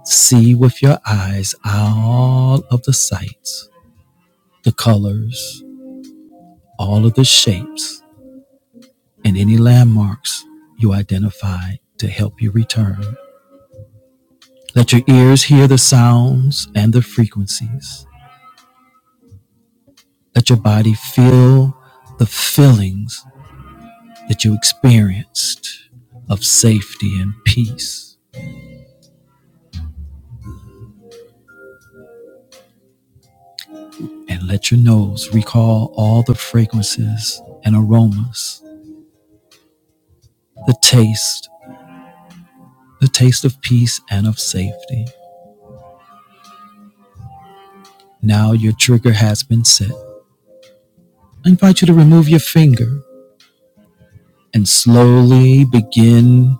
Speaker 1: see with your eyes all of the sights, the colors, all of the shapes, and any landmarks you identified to help you return. Let your ears hear the sounds and the frequencies. Let your body feel the feelings that you experienced of safety and peace and let your nose recall all the fragrances and aromas, the taste, the taste of peace and of safety. Now your trigger has been set. I invite you to remove your finger and slowly begin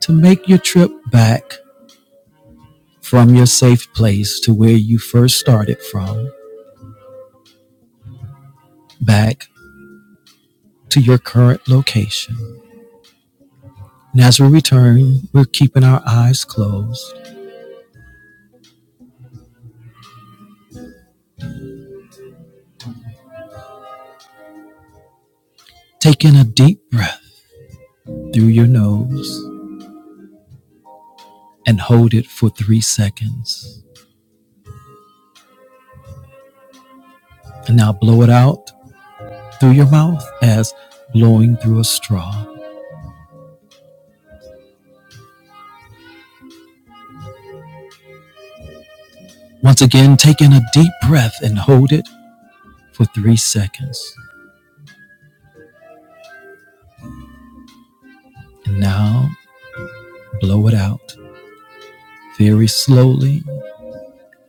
Speaker 1: to make your trip back from your safe place to where you first started from, back to your current location. And as we return, we're keeping our eyes closed, taking a deep breath through your nose and hold it for three seconds. And now blow it out through your mouth as blowing through a straw. Once again, take in a deep breath and hold it for three seconds. And now blow it out very slowly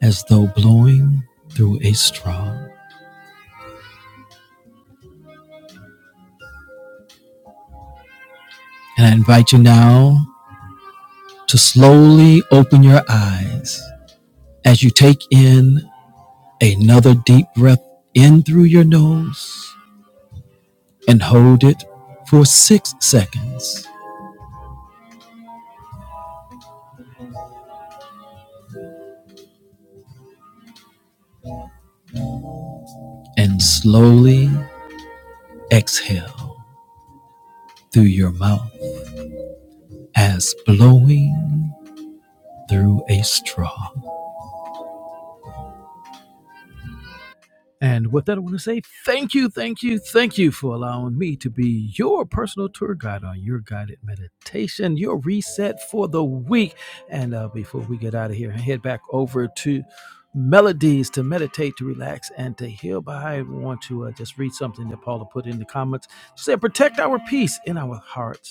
Speaker 1: as though blowing through a straw. And I invite you now to slowly open your eyes as you take in another deep breath in through your nose and hold it for six seconds. and slowly exhale through your mouth as blowing through a straw. And with that, I want to say thank you, thank you, thank you for allowing me to be your personal tour guide on your guided meditation, your reset for the week. And uh, before we get out of here and head back over to melodies to meditate, to relax, and to heal. But I want to uh, just read something that Paula put in the comments. She said, Protect our peace in our hearts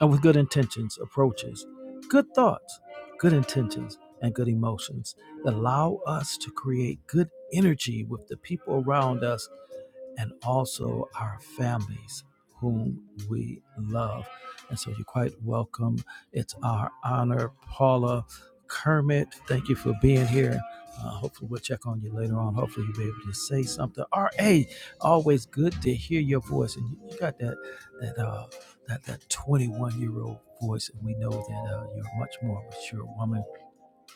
Speaker 1: and with good intentions approaches good thoughts, good intentions, and good emotions that allow us to create good energy with the people around us and also our families whom we love. And so you're quite welcome. It's our honor, Paula Kermit. Thank you for being here. Uh, hopefully, we'll check on you later on. Hopefully, you'll be able to say something. RA, always good to hear your voice. And you, you got that that uh, that that 21 year old voice, and we know that uh, you're a much more mature woman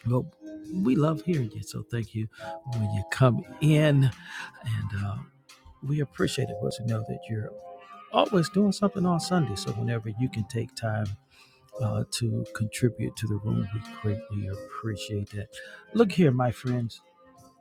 Speaker 1: well, we love hearing you, so thank you when you come in, and uh, we appreciate it. Well, to know that you're always doing something on Sunday, so whenever you can take time uh, to contribute to the room, we greatly appreciate that. Look here, my friends.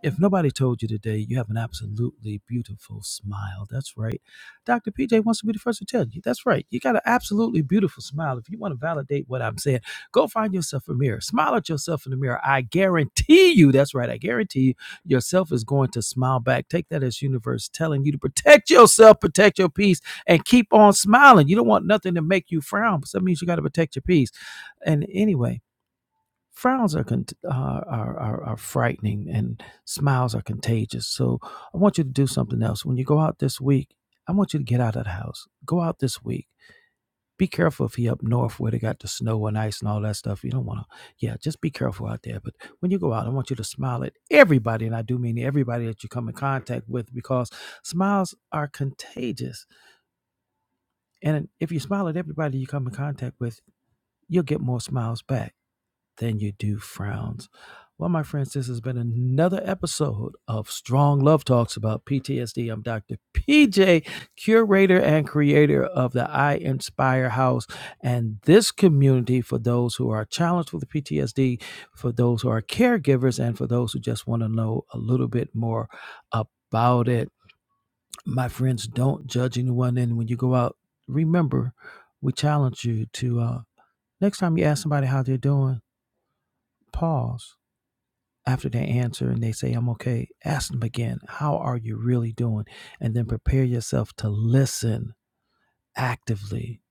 Speaker 1: If nobody told you today, you have an absolutely beautiful smile. That's right. Dr. PJ wants to be the first to tell you. That's right. You got an absolutely beautiful smile. If you want to validate what I'm saying, go find yourself a mirror. Smile at yourself in the mirror. I guarantee you, that's right. I guarantee you, yourself is going to smile back. Take that as universe telling you to protect yourself, protect your peace, and keep on smiling. You don't want nothing to make you frown, but that means you got to protect your peace. And anyway, frowns are, con- are, are, are are frightening and smiles are contagious. So I want you to do something else. When you go out this week, I want you to get out of the house. Go out this week. Be careful if you up north where they got the snow and ice and all that stuff. You don't want to, yeah, just be careful out there. But when you go out, I want you to smile at everybody. And I do mean everybody that you come in contact with because smiles are contagious. And if you smile at everybody you come in contact with, you'll get more smiles back than you do frowns. Well, my friends, this has been another episode of Strong Love Talks about PTSD. I'm Dr. PJ, curator and creator of the I Inspire House and this community for those who are challenged with PTSD, for those who are caregivers, and for those who just want to know a little bit more about it. My friends, don't judge anyone. And when you go out, remember, we challenge you to uh, next time you ask somebody how they're doing, pause after they answer and they say, I'm okay, ask them again, How are you really doing? And then prepare yourself to listen actively.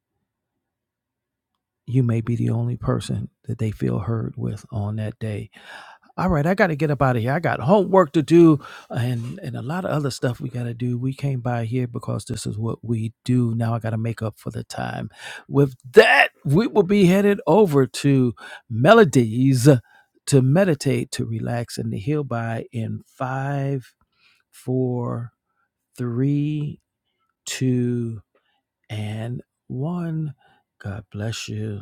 Speaker 1: You may be the only person that they feel heard with on that day. All right, I got to get up out of here. I got homework to do and, and a lot of other stuff we got to do. We came by here because this is what we do. Now I got to make up for the time. With that, we will be headed over to Melodies to meditate, to relax, and to heal by in five four, three, two, and one. God bless you.